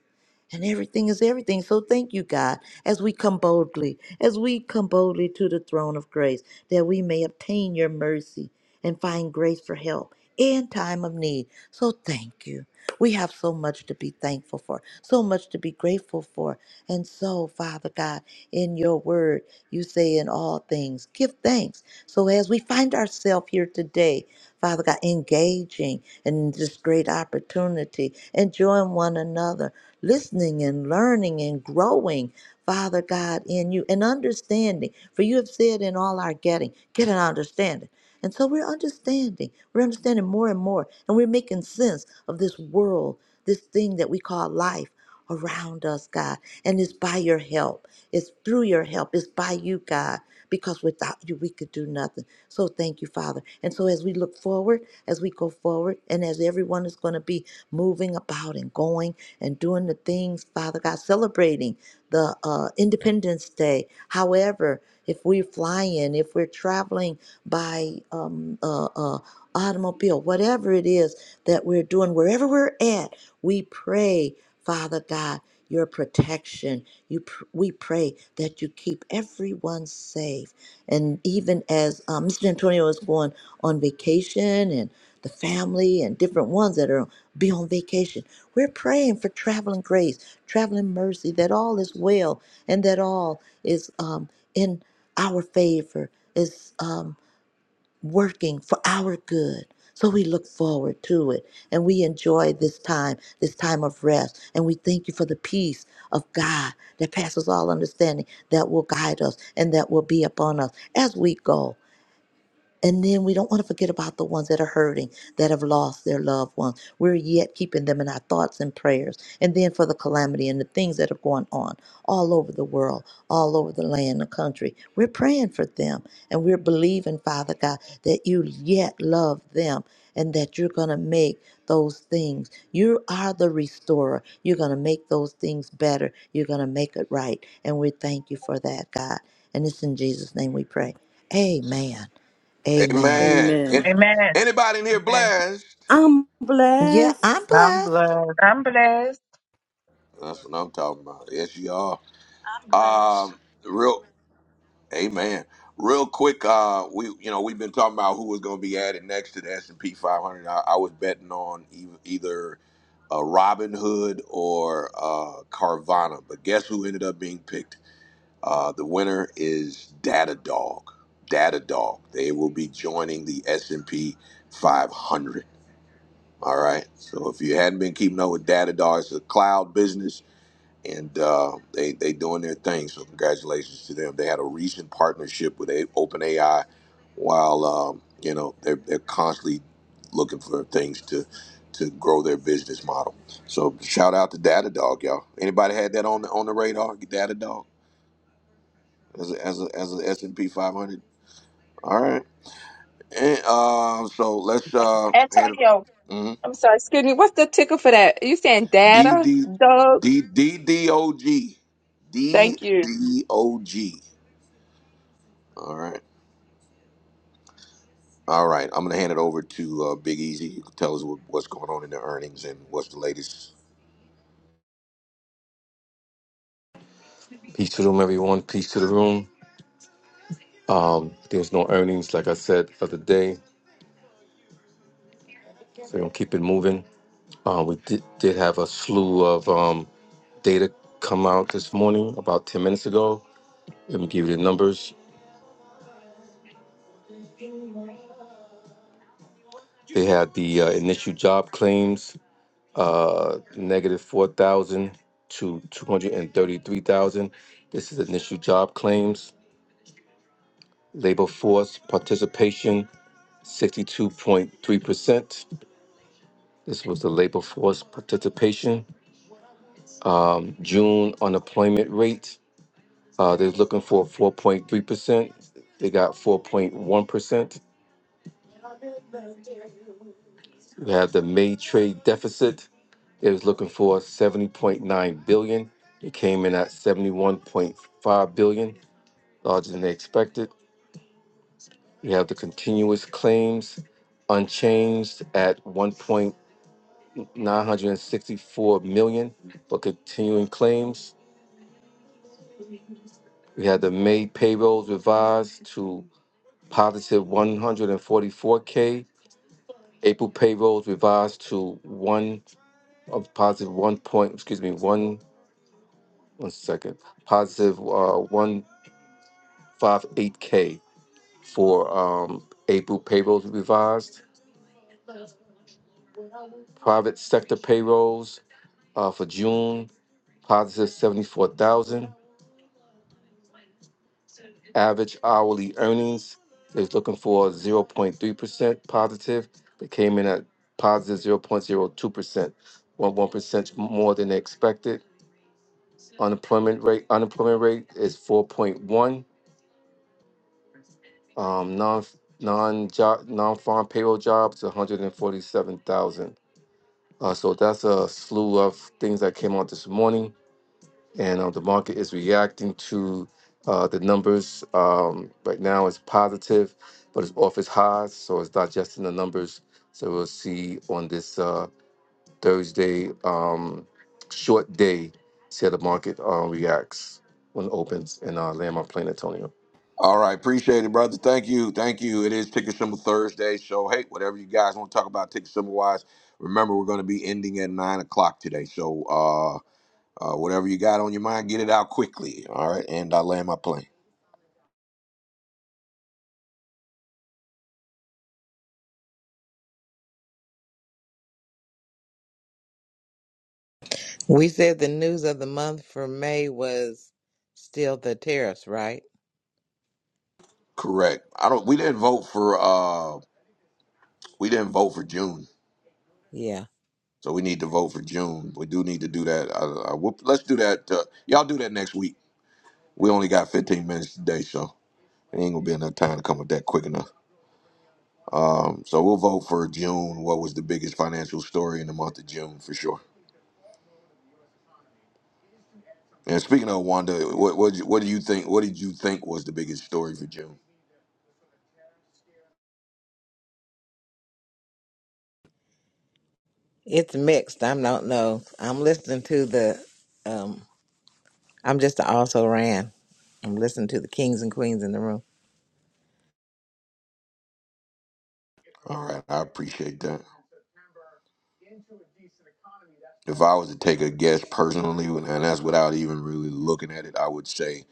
[SPEAKER 2] and everything is everything. So thank you, God, as we come boldly, as we come boldly to the throne of grace, that we may obtain your mercy and find grace for help in time of need. So thank you. We have so much to be thankful for, so much to be grateful for. And so, Father God, in your word, you say in all things, give thanks. So as we find ourselves here today, Father God, engaging in this great opportunity, enjoying one another, listening and learning and growing, Father God, in you and understanding. For you have said in all our getting, get an understanding. And so we're understanding. We're understanding more and more. And we're making sense of this world, this thing that we call life around us, God. And it's by your help. It's through your help. It's by you, God. Because without you, we could do nothing. So thank you, Father. And so as we look forward, as we go forward, and as everyone is going to be moving about and going and doing the things, Father God, celebrating the uh, Independence Day. However, if we're flying, if we're traveling, by um, uh, uh, automobile, whatever it is that we're doing, wherever we're at, we pray, Father God, your protection. You, pr- we pray that you keep everyone safe. And even as um, Mr. Antonio is going on vacation and the family and different ones that are be on vacation. We're praying for traveling grace, traveling mercy, that all is well and that all is um, in our favor. Is um, working for our good. So we look forward to it and we enjoy this time, this time of rest. And we thank you for the peace of God that passes all understanding that will guide us and that will be upon us as we go. And then we don't want to forget about the ones that are hurting, that have lost their loved ones. We're yet keeping them in our thoughts and prayers. And then for the calamity and the things that are going on all over the world, all over the land and country, we're praying for them. And we're believing, Father God, that you yet love them and that you're going to make those things. You are the restorer. You're going to make those things better. You're going to make it right. And we thank you for that, God. And it's in Jesus' name we pray. Amen. Amen.
[SPEAKER 1] Amen. An-
[SPEAKER 3] Amen.
[SPEAKER 6] Amen.
[SPEAKER 1] Anybody in here
[SPEAKER 6] Amen.
[SPEAKER 1] blessed?
[SPEAKER 3] I'm
[SPEAKER 2] Yeah, I'm
[SPEAKER 3] blessed.
[SPEAKER 7] I'm
[SPEAKER 2] blessed.
[SPEAKER 7] blessed.
[SPEAKER 6] I'm blessed.
[SPEAKER 1] That's what I'm talking about. Yes, you are.
[SPEAKER 9] I'm blessed.
[SPEAKER 1] Um, real. Amen. Real quick. Uh, we you know we've been talking about who was gonna be added next to the S and P 500. I, I was betting on e- either uh, Robin Hood or uh, Carvana, but guess who ended up being picked? Uh, the winner is Datadog. Datadog. They will be joining the S&P 500. All right. So if you hadn't been keeping up with Datadog, it's a cloud business, and uh, they they doing their thing. So congratulations to them. They had a recent partnership with a- OpenAI, while um, you know they're they're constantly looking for things to to grow their business model. So shout out to Datadog, y'all. Anybody had that on the on the radar? Datadog as a, as a, as a S and P 500. All right. And, uh, so let's uh hand
[SPEAKER 6] Antonio,
[SPEAKER 1] it. Mm-hmm.
[SPEAKER 6] I'm sorry, excuse me. What's the ticker for that? you saying
[SPEAKER 1] D
[SPEAKER 6] data,
[SPEAKER 1] D
[SPEAKER 6] Doug?
[SPEAKER 1] D D D O G D
[SPEAKER 6] Thank you.
[SPEAKER 1] D O G. All right. All right. I'm gonna hand it over to uh, Big Easy. You can tell us what, what's going on in the earnings and what's the latest.
[SPEAKER 10] Peace to the room, everyone. Peace to the room. Um, there no earnings, like I said the other day, so we're gonna keep it moving. Uh, we did, did have a slew of um, data come out this morning, about ten minutes ago. Let me give you the numbers. They had the uh, initial job claims. uh, negative 4,000 to 233,000. This is initial job claims. Labor force participation, 62.3%. This was the labor force participation. Um, June unemployment rate, uh, they're looking for 4.3%. They got 4.1%. We have the May trade deficit. It was looking for 70.9 billion. It came in at 71.5 billion. larger than they expected. We have the continuous claims unchanged at 1.964 million for continuing claims. We had the May payrolls revised to positive 144k. April payrolls revised to one of positive one point. Excuse me, one one second. Positive uh, one five eight k for um, April payrolls revised. Private sector payrolls uh, for June, positive 74,000. Average hourly earnings is looking for 0.3% positive. They came in at 0.02%, one one percent more than they expected. Unemployment rate unemployment rate is 4.1. Um, non non job non farm payroll jobs 147,000. Uh, so that's a slew of things that came out this morning. and uh, the market is reacting to uh, the numbers. Um, right now, it's positive, but it's off its highs, so it's digesting the numbers. So we'll see on this uh, Thursday um, short day, see how the market uh, reacts when it opens and uh, land my plane, Antonio.
[SPEAKER 1] All right, appreciate it, brother. Thank you, thank you. It is Ticker Symbol Thursday, so hey, whatever you guys want to talk about ticker symbol wise, remember we're going to be ending at nine o'clock today. So uh, Uh, whatever you got on your mind, get it out quickly. All right, and I land my plane.
[SPEAKER 4] We said the news of the month for May was still the tariffs, right?
[SPEAKER 1] Correct. I don't. We didn't vote for. Uh, we didn't vote for June,
[SPEAKER 4] Yeah.
[SPEAKER 1] so we need to vote for June. We do need to do that. Uh, uh, we'll, let's do that. Uh, y'all do that next week. We only got 15 minutes today, so it ain't gonna be enough time to come up that quick enough. Um, so we'll vote for June. What was the biggest financial story in the month of June for sure? And speaking of Wanda, what what, what do you think? What did you think was the biggest story for June?
[SPEAKER 4] It's mixed. I don't know. I'm listening to the um I'm just a also ran. I'm listening to the kings and queens in the room.
[SPEAKER 1] All right, I appreciate that. if I was to take a guess personally, and that's without even really looking at it, I would say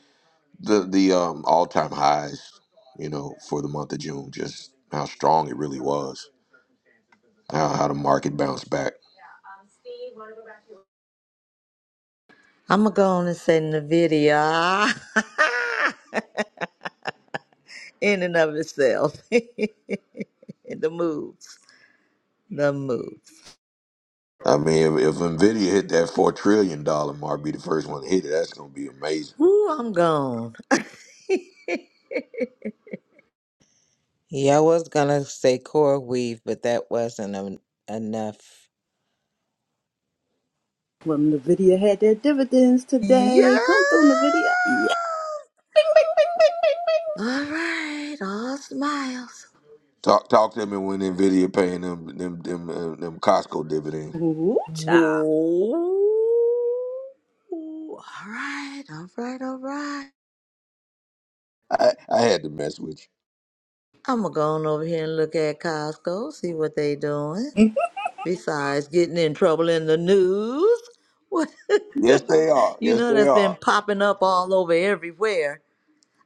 [SPEAKER 1] the the um, all time highs, you know, for the month of June, just how strong it really was, how how the market bounced back.
[SPEAKER 2] I'm going to go on and send the video in and of itself. And the moves. The moves.
[SPEAKER 1] I mean, if, if Nvidia hit that four trillion dollar mark, be the first one to hit it. That's gonna be amazing.
[SPEAKER 2] Ooh, I'm gone.
[SPEAKER 4] Yeah, I was gonna say core weave, but that wasn't en- enough.
[SPEAKER 3] Well, NVIDIA had their dividends
[SPEAKER 2] yeah.
[SPEAKER 3] today. Come through, NVIDIA. Yeah. Bing, bing, bing, bing, bing.
[SPEAKER 2] All right. All smiles.
[SPEAKER 1] Talk talk to me when Nvidia paying them them them uh, them Costco dividends.
[SPEAKER 3] bing. Ooh, child.
[SPEAKER 2] Whoa. All right. All right. All right.
[SPEAKER 1] I, I had to mess with
[SPEAKER 2] I'm going to go on over here and look at Costco, see what they doing. Besides getting in trouble in the news, what
[SPEAKER 1] you. Yes, they are.
[SPEAKER 2] you
[SPEAKER 1] Yes,
[SPEAKER 2] know
[SPEAKER 1] they
[SPEAKER 2] that's
[SPEAKER 1] are.
[SPEAKER 2] been popping up all over everywhere.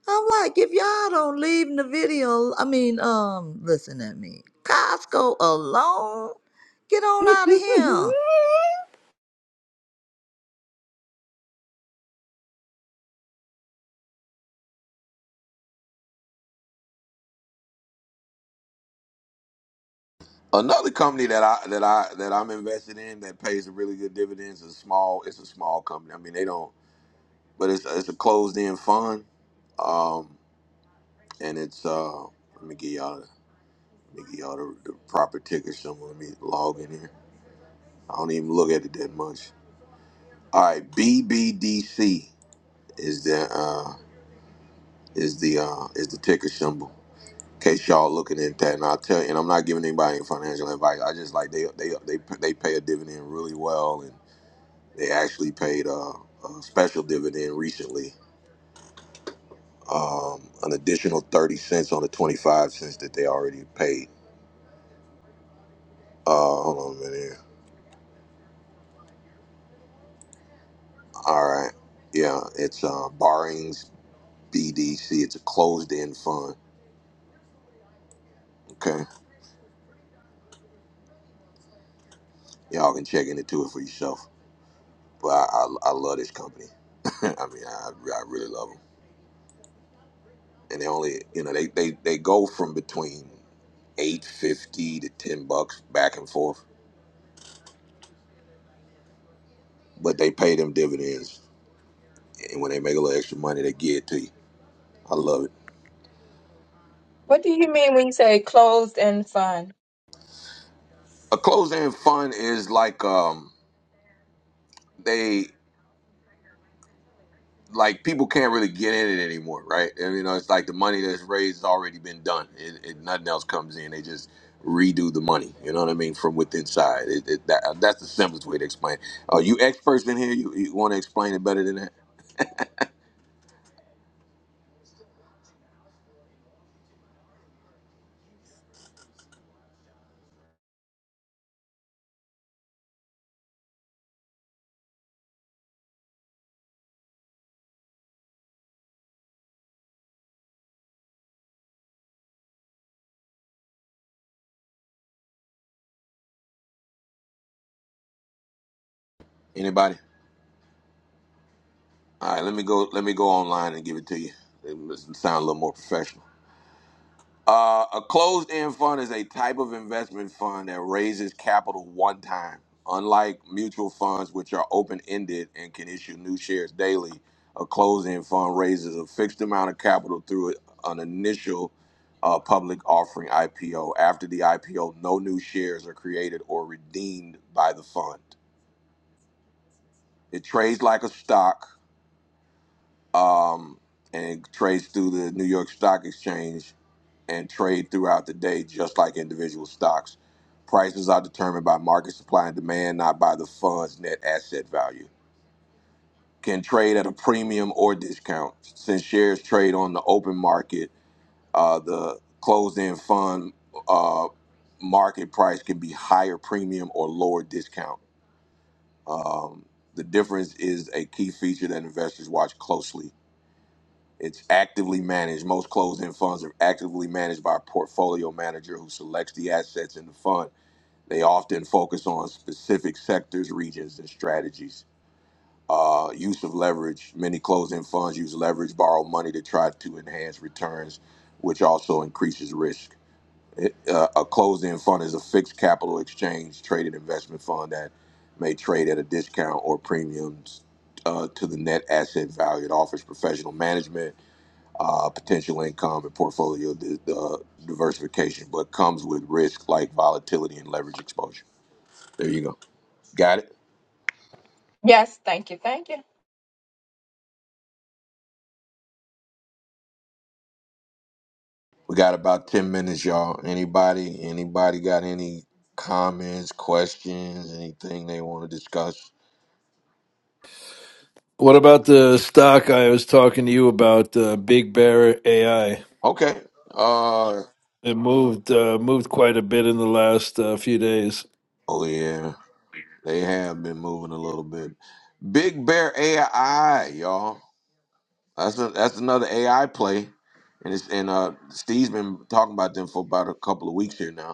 [SPEAKER 2] I'm like, if y'all don't leave the video, I mean, um, listen at me, Costco alone, get on out of here.
[SPEAKER 1] Another company that I that I that I'm invested in that pays a really good dividends is small. It's a small company. I mean, they don't, but it's it's a closed end fund, um, and it's uh, let me get y'all let me get y'all the, the proper ticker symbol. Let me log in here. I don't even look at it that much. All right, BBDC is the uh, is the uh, is the ticker symbol. In case y'all looking at that, and I'll tell you, and I'm not giving anybody any financial advice. I just like they they they they pay a dividend really well and. They actually paid a, a special dividend recently, um, an additional 30 cents on the 25 cents that they already paid. Uh, hold on a minute. here. All right. Yeah, it's uh, Barings BDC. It's a closed end fund. Okay. Y'all can check into it for yourself. But I, I, I love this company. I mean, I, I really love them. And they only, you know, they, they, they go from between 850 to 10 bucks back and forth, but they pay them dividends and when they make a little extra money, they give it to you. I love it.
[SPEAKER 6] What do you mean when you say closed and fun?
[SPEAKER 1] A closed-end fund is like um they like people can't really get in it anymore, right? And, you know, it's like the money that's raised has already been done. It, it, nothing else comes in. They just redo the money. You know what I mean? From within side, It, it, that, that's the simplest way to explain. Are you experts in here? You, you want to explain it better than that? Anybody? All right, let me go. Let me go online and give it to you. It must sound a little more professional. Uh, a closed-end fund is a type of investment fund that raises capital one time. Unlike mutual funds, which are open-ended and can issue new shares daily, a closed-end fund raises a fixed amount of capital through an initial uh, public offering IPO. After the IPO, no new shares are created or redeemed by the fund. It trades like a stock um, and it trades through the New York Stock Exchange and trade throughout the day just like individual stocks. Prices are determined by market supply and demand, not by the fund's net asset value. Can trade at a premium or discount. Since shares trade on the open market, uh, the closed end fund uh, market price can be higher premium or lower discount. Um, the difference is a key feature that investors watch closely It's actively managed. Most closed-end funds are actively managed by a portfolio manager who selects the assets in the fund. They often focus on specific sectors, regions, and strategies. Uh, use of leverage. Many closed-end funds use leverage, borrow money to try to enhance returns, which also increases risk. It, uh, a closed-end fund is a fixed capital exchange traded investment fund that may trade at a discount or premiums uh, to the net asset value. It offers professional management uh, potential income and portfolio di- uh, diversification, but comes with risk like volatility and leverage exposure. There you go. Got it.
[SPEAKER 6] Yes, thank you, thank you.
[SPEAKER 1] We got about ten minutes, y'all. Anybody, anybody got any comments, questions, anything they want to discuss?
[SPEAKER 8] What about the stock I was talking to you about, uh, Big Bear AI?
[SPEAKER 1] Okay. Uh.
[SPEAKER 8] It moved uh, moved quite a bit in the last uh, few days.
[SPEAKER 1] Oh yeah, they have been moving a little bit. Big Bear AI, y'all. That's a, that's another AI play, and it's and uh Steve's been talking about them for about a couple of weeks here now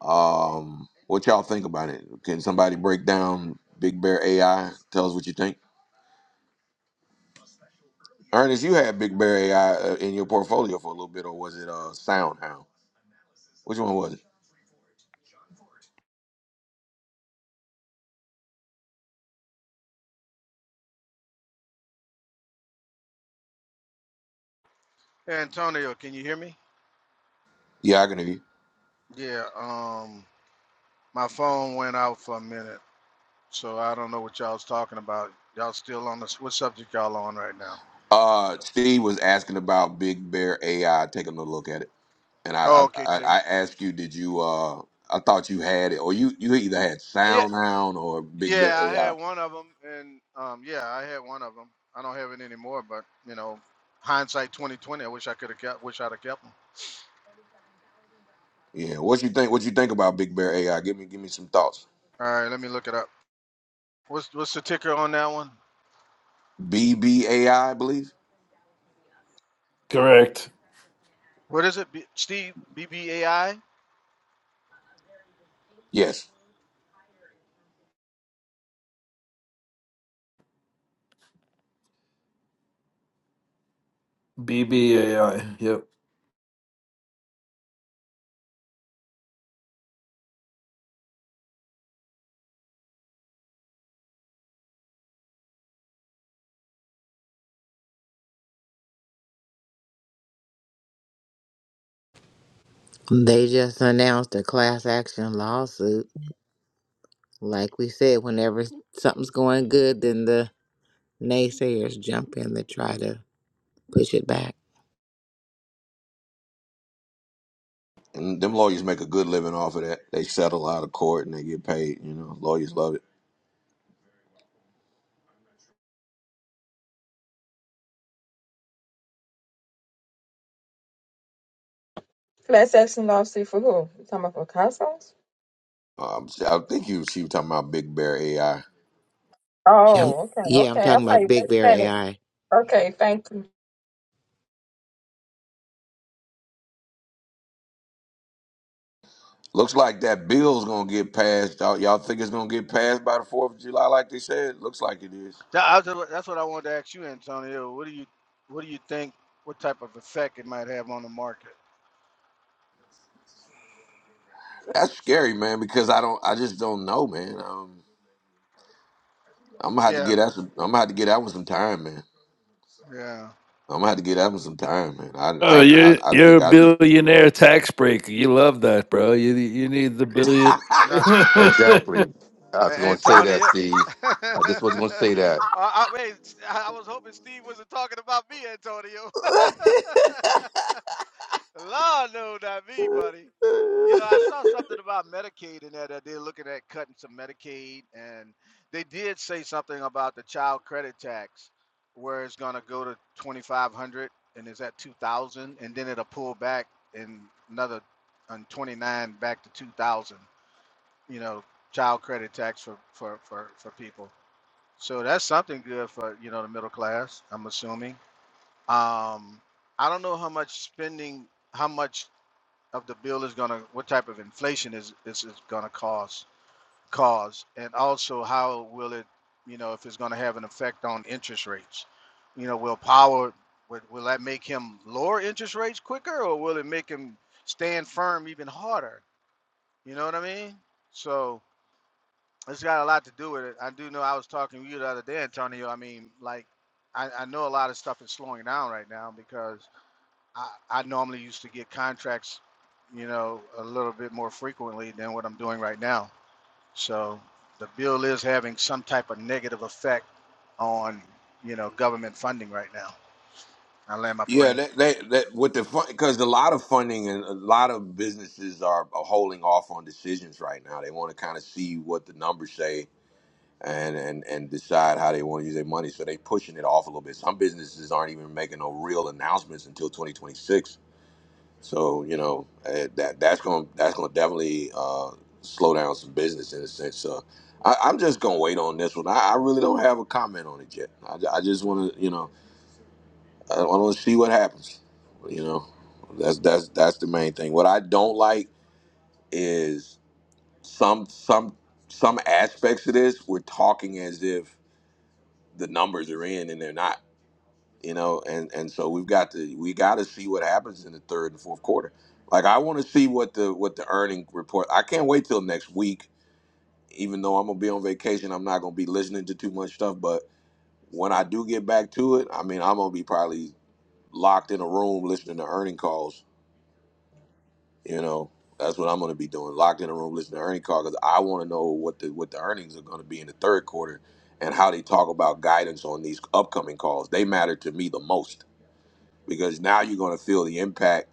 [SPEAKER 1] Um, what y'all think about it? Can somebody break down Big Bear AI? Tell us what you think. Ernest, you had Big Bear AI uh, in your portfolio for a little bit, or was it uh, SoundHound? Which one was it?
[SPEAKER 11] Hey, Antonio, can you hear me?
[SPEAKER 1] Yeah, I can hear you.
[SPEAKER 11] Yeah, um, my phone went out for a minute, so I don't know what y'all was talking about. Y'all still on this? What subject y'all on right now?
[SPEAKER 1] Uh, Steve was asking about Big Bear AI. Taking a look at it, and I I,
[SPEAKER 11] Oh, okay,
[SPEAKER 1] I I
[SPEAKER 11] take
[SPEAKER 1] asked you, did you? Uh, I thought you had it, or you you either had
[SPEAKER 11] Yeah,
[SPEAKER 1] SoundHound or Big Bear
[SPEAKER 11] yeah, I had
[SPEAKER 1] AI.
[SPEAKER 11] one of them, and um, yeah, I had one of them. I don't have it anymore, but you know, hindsight twenty twenty. I wish I could have kept. Wish I'd have kept them.
[SPEAKER 1] Yeah, what you think? What you think about Big Bear AI? Give me give me some thoughts.
[SPEAKER 11] All right, let me look it up. What's what's the ticker on that one?
[SPEAKER 1] BBAI, believe.
[SPEAKER 8] Correct.
[SPEAKER 11] What is it? B- Steve BBAI.
[SPEAKER 1] Yes.
[SPEAKER 8] BBAI. Yep.
[SPEAKER 4] They just announced a class action lawsuit. Like we said, whenever something's going good, then the naysayers jump in to try to push it back.
[SPEAKER 1] And them lawyers make a good living off of that. They settle out of court and they get paid. You know, lawyers love it.
[SPEAKER 6] Class action lawsuit for who? You talking about for households?
[SPEAKER 1] Um, I think you she was talking about Big Bear AI.
[SPEAKER 4] Yeah, I'm,
[SPEAKER 6] Oh, okay,
[SPEAKER 4] yeah, I'm
[SPEAKER 6] okay. I'm
[SPEAKER 4] talking about
[SPEAKER 6] like,
[SPEAKER 4] Big
[SPEAKER 6] wait
[SPEAKER 4] Bear
[SPEAKER 6] a minute.
[SPEAKER 4] AI.
[SPEAKER 6] Okay, thank you.
[SPEAKER 1] Looks like that bill's gonna get passed. Y'all, y'all think it's gonna get passed by the Fourth of July, like they said? Looks like it is.
[SPEAKER 11] That- I was- that's what I wanted to ask you, Antonio. What do you what do you think? What type of effect it might have on the market?
[SPEAKER 1] That's scary, man. Because I don't, I just don't know, man. Um, I'm gonna have to
[SPEAKER 11] Yeah,
[SPEAKER 1] get that. Some, I'm gonna have to get that one some time, man.
[SPEAKER 11] yeah.
[SPEAKER 1] I'm gonna have to get that one some time, man. I,
[SPEAKER 8] Oh,
[SPEAKER 1] I, I,
[SPEAKER 8] you're
[SPEAKER 1] I
[SPEAKER 8] you're
[SPEAKER 1] think
[SPEAKER 8] a
[SPEAKER 1] I'd be.
[SPEAKER 8] billionaire tax breaker. You love that, bro. You you need the billion.
[SPEAKER 11] Not
[SPEAKER 10] Exactly. I was
[SPEAKER 11] A-
[SPEAKER 10] going to say that,
[SPEAKER 11] Antonio.
[SPEAKER 10] Steve.
[SPEAKER 11] uh,
[SPEAKER 10] I just was going to say that.
[SPEAKER 11] I, wait, I I was hoping Steve wasn't talking about me, Antonio. Lord no, not me, buddy. You know, I saw something about Medicaid and that that they're looking at cutting some Medicaid, and they did say something about the child credit tax, where it's gonna go to twenty five hundred and it's at two thousand, and then it'll pull back in another on twenty nine back to two thousand. You know, child credit tax for for for for people. So that's something good for you know the middle class. I'm assuming. Um, I don't know how much spending, how much of the bill is going to what type of inflation is is, is going to cause cause and also how will it you know if it's going to have an effect on interest rates you know will power will, will that make him lower interest rates quicker or will it make him stand firm even harder you know what i mean so it's got a lot to do with it i do know i was talking to you the other day antonio i mean like i, I know a lot of stuff is slowing down right now because. I, I normally used to get contracts, you know, a little bit more frequently than what I'm doing right now. So the bill is having some type of negative effect on, you know, government funding right now. I land my
[SPEAKER 1] Yeah,
[SPEAKER 11] plane.
[SPEAKER 1] that that, that with the fun because a lot of funding and a lot of businesses are, are holding off on decisions right now. They want to kind of see what the numbers say and and and decide how they want to use their money. So they pushing it off a little bit. Some businesses aren't even making no real announcements until 2026. So you know eh, that that's going to that's going to definitely uh, slow down some business in a sense. So I, I'm just going to wait on this one. I, I really don't have a comment on it yet. I, I just want to you know. I want to see what happens. You know, that's that's that's the main thing. What I don't like is some some some aspects of this. We're talking as if the numbers are in and they're not. You know, and and so we've got to we got to see what happens in the third and fourth quarter. Like I want to see what the what the earning report. I can't wait till next week. Even though I'm gonna be on vacation, I'm not gonna be listening to too much stuff. But when I do get back to it, I mean, I'm gonna be probably locked in a room listening to earning calls You know, that's what I'm going to be doing. Locked in a room, listening to earning call because I want to know what the what the earnings are going to be in the third quarter and how they talk about guidance on these upcoming calls. They matter to me the most because now you're going to feel the impact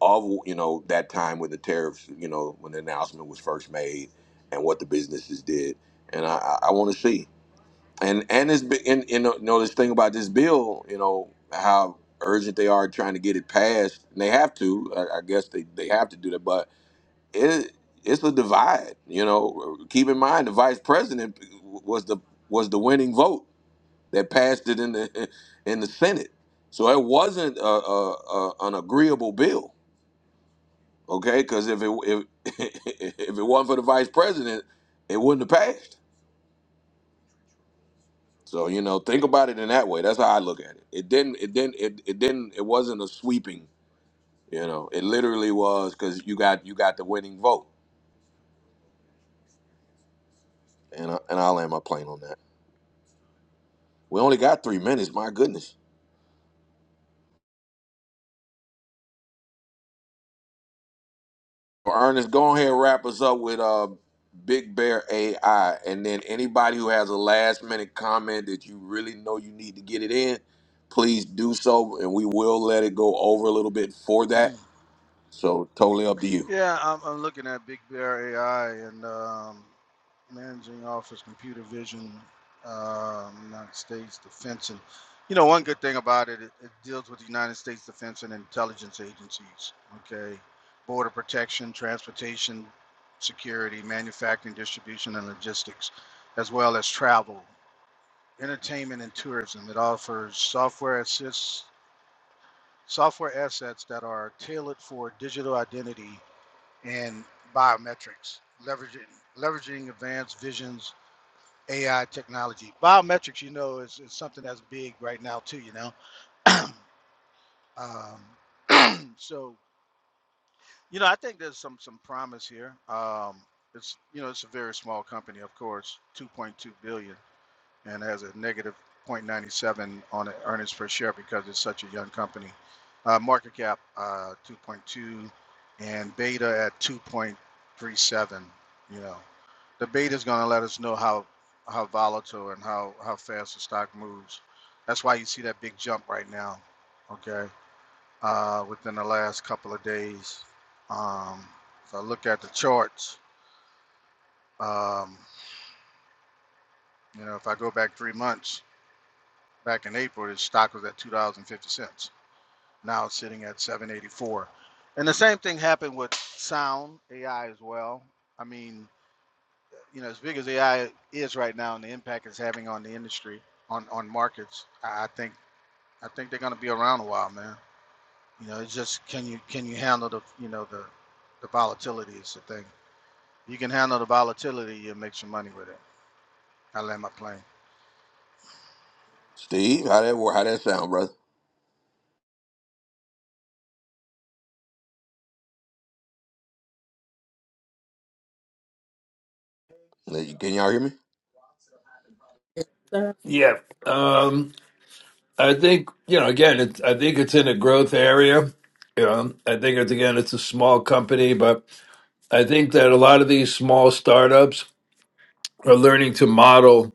[SPEAKER 1] of you know that time when the tariffs, you know, when the announcement was first made and what the businesses did. And I, I, I want to see. And and this bi- and, and uh, you know this thing about this bill, you know how urgent they are trying to get it passed, and they have to. I, I guess they, they have to do that, but it it's a divide. You know, keep in mind the vice president was the was the winning vote that passed it in the in the Senate. So it wasn't a, a, a an agreeable bill, okay? Because if it if if it wasn't for the vice president, it wouldn't have passed. So you know, think about it in that way. That's how I look at it. It didn't. It didn't. It, it didn't. It wasn't a sweeping. You know, it literally was because you got you got the winning vote, and I, and I'll land my plane on that. We only got three minutes. My goodness. Well, Ernest, go ahead and wrap us up with uh, Big Bear AI. And then anybody who has a last minute comment that you really know you need to get it in, please do so. And we will let it go over a little bit for that. So totally up to you.
[SPEAKER 11] Yeah, I'm, I'm looking at Big Bear AI and um, managing office computer vision, um, United States Defense. And, you know, one good thing about it, it, it deals with the United States Defense and intelligence agencies, okay? Border protection, transportation, security, manufacturing, distribution, and logistics, as well as travel, entertainment, and tourism. It offers software assists. Software assets that are tailored for digital identity and biometrics, leveraging leveraging advanced visions, AI technology. Biometrics, you know, is, is something that's big right now too. You know, um, so you know, I think there's some some promise here. Um, it's you know, it's a very small company, of course, 2.2 billion. and has a negative 0.97 on the earnings per share because it's such a young company. Uh, market cap uh, 2.2 and beta at 2.37. You know, the beta is going to let us know how how volatile and how how fast the stock moves. That's why you see that big jump right now. Okay, uh, within the last couple of days. Um, if I look at the charts, um, you know, if I go back three months, Back in April, the stock was at two dollars and fifty cents. Now it's sitting at seven eighty four. And the same thing happened with Sound AI as well. I mean, you know, as big as AI is right now and the impact it's having on the industry, on on markets, I think I think they're gonna be around a while, man. You know, it's just can you can you handle the you know the the volatility is the thing. You can handle the volatility, you'll make some money with it. I land my plane.
[SPEAKER 1] Steve, how that work? How that sound, brother? Can y'all hear me?
[SPEAKER 3] Sir,
[SPEAKER 8] yeah. Um. I think you know. Again, it's I think it's in a growth area. You know, I think it's again it's a small company, but I think that a lot of these small startups are learning to model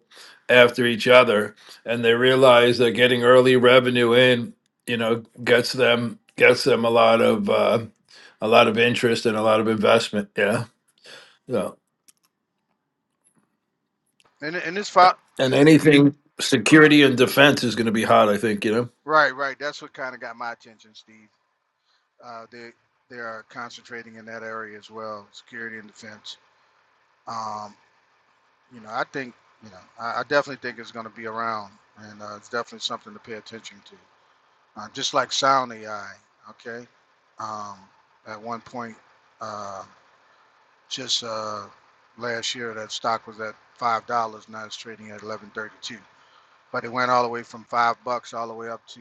[SPEAKER 8] after each other and they realize that getting early revenue in you know gets them gets them a lot of uh, a lot of interest and a lot of investment yeah so
[SPEAKER 11] And and this fo-
[SPEAKER 8] and anything security and defense is going to be hot i think you know
[SPEAKER 11] right, right. That's what kind of got my attention, Steve. Uh, they they are concentrating in that area as well, security and defense. Um, you know, I think you know, I, I definitely think it's going to be around, and uh, it's definitely something to pay attention to. Uh, just like sound AI, okay. Um, at one point, uh, just uh, last year, that stock was at five dollars. Now it's trading at eleven thirty-two. But it went all the way from five bucks all the way up to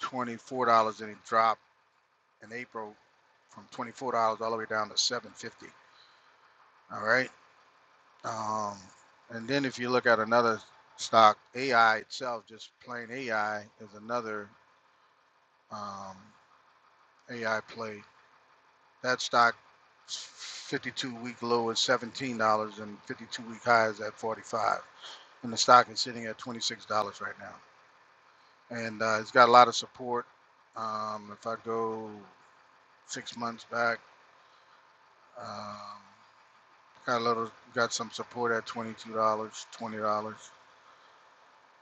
[SPEAKER 11] twenty-four dollars, and it dropped in April from twenty-four dollars all the way down to seven fifty. All right. Um, and then if you look at another stock, AI itself, just plain AI, is another um, AI play. That stock, fifty-two week low is seventeen dollars, and fifty-two week high is at forty-five. dollars. And the stock is sitting at twenty-six dollars right now, and uh, it's got a lot of support. Um, if I go six months back. Um, Got a little, got some support at twenty-two dollars, twenty dollars.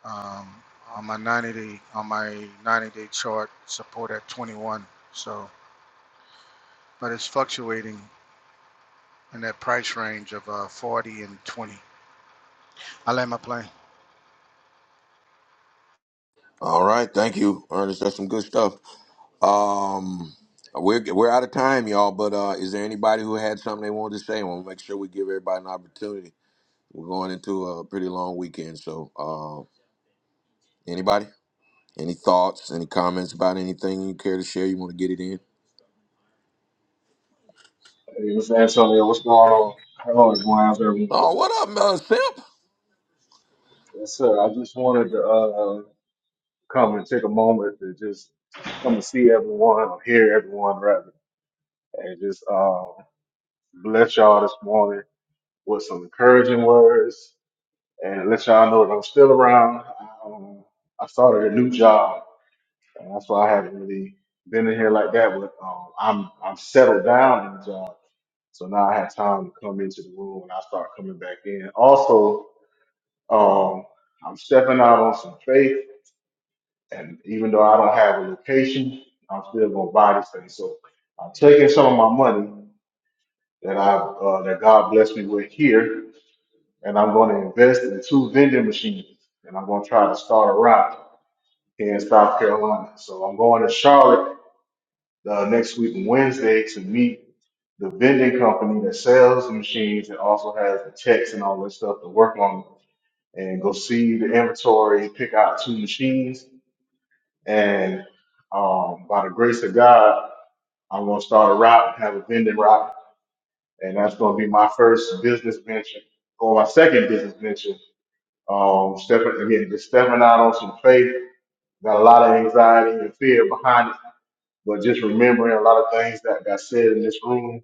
[SPEAKER 11] Um, on my ninety-day, on my ninety-day chart, support at twenty-one. So, but it's fluctuating in that price range of uh, forty and twenty. I land my plane.
[SPEAKER 1] All right, thank you, Ernest. That's some good stuff. Um, we're we're out of time, y'all. But uh, is there anybody who had something they wanted to say? I want to make sure we give everybody an opportunity. We're going into a pretty long weekend, so uh, anybody, any thoughts, any comments about anything you care to share? You want to get it in?
[SPEAKER 12] Hey, Mr. Antonio, what's going on? How is going? How's everyone
[SPEAKER 1] Oh,
[SPEAKER 12] doing?
[SPEAKER 1] what up, uh, Simp?
[SPEAKER 12] Yes, sir. I just wanted to uh, come and take a moment to just come and see everyone, or hear everyone rather, and just uh, bless y'all this morning with some encouraging words and let y'all know that I'm still around. Um, I started a new job, and that's why I haven't really been in here like that. But um, I'm I'm settled down in the job, so now I have time to come into the room and I start coming back in. Also. Um, I'm stepping out on some faith, and even though I don't have a location, I'm still gonna buy this thing. So I'm taking some of my money that I uh, that God blessed me with here, and I'm going to invest in two vending machines, and I'm going to try to start a route here in South Carolina. So I'm going to Charlotte uh, next week Wednesday to meet the vending company that sells the machines and also has the checks and all that stuff to work on and go see the inventory, pick out two machines, and um, by the grace of God, I'm gonna start a route, have a vending route, and that's gonna be my first business venture or my second business venture. Um, stepping again, just stepping out on some faith. Got a lot of anxiety and fear behind it, but just remembering a lot of things that got said in this room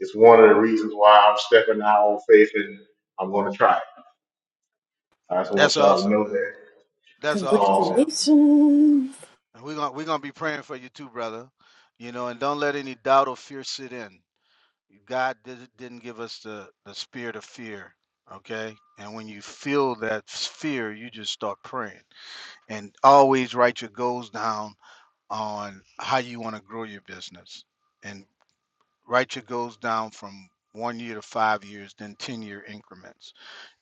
[SPEAKER 12] is one of the reasons why I'm stepping out on faith and I'm gonna try it. I just
[SPEAKER 11] That's
[SPEAKER 12] want y'all to
[SPEAKER 11] awesome,
[SPEAKER 12] know
[SPEAKER 11] man.
[SPEAKER 12] that.
[SPEAKER 11] That's awesome,
[SPEAKER 12] Um,
[SPEAKER 11] Simp.
[SPEAKER 3] Congratulations.
[SPEAKER 11] And we're gonna we're gonna be praying for you too, brother. You know, and don't let any doubt or fear sit in. God did, didn't give us the the spirit of fear. Okay, and when you feel that fear, you just start praying. and always write your goals down on how you want to grow your business and write your goals down from one year to five years then 10 year increments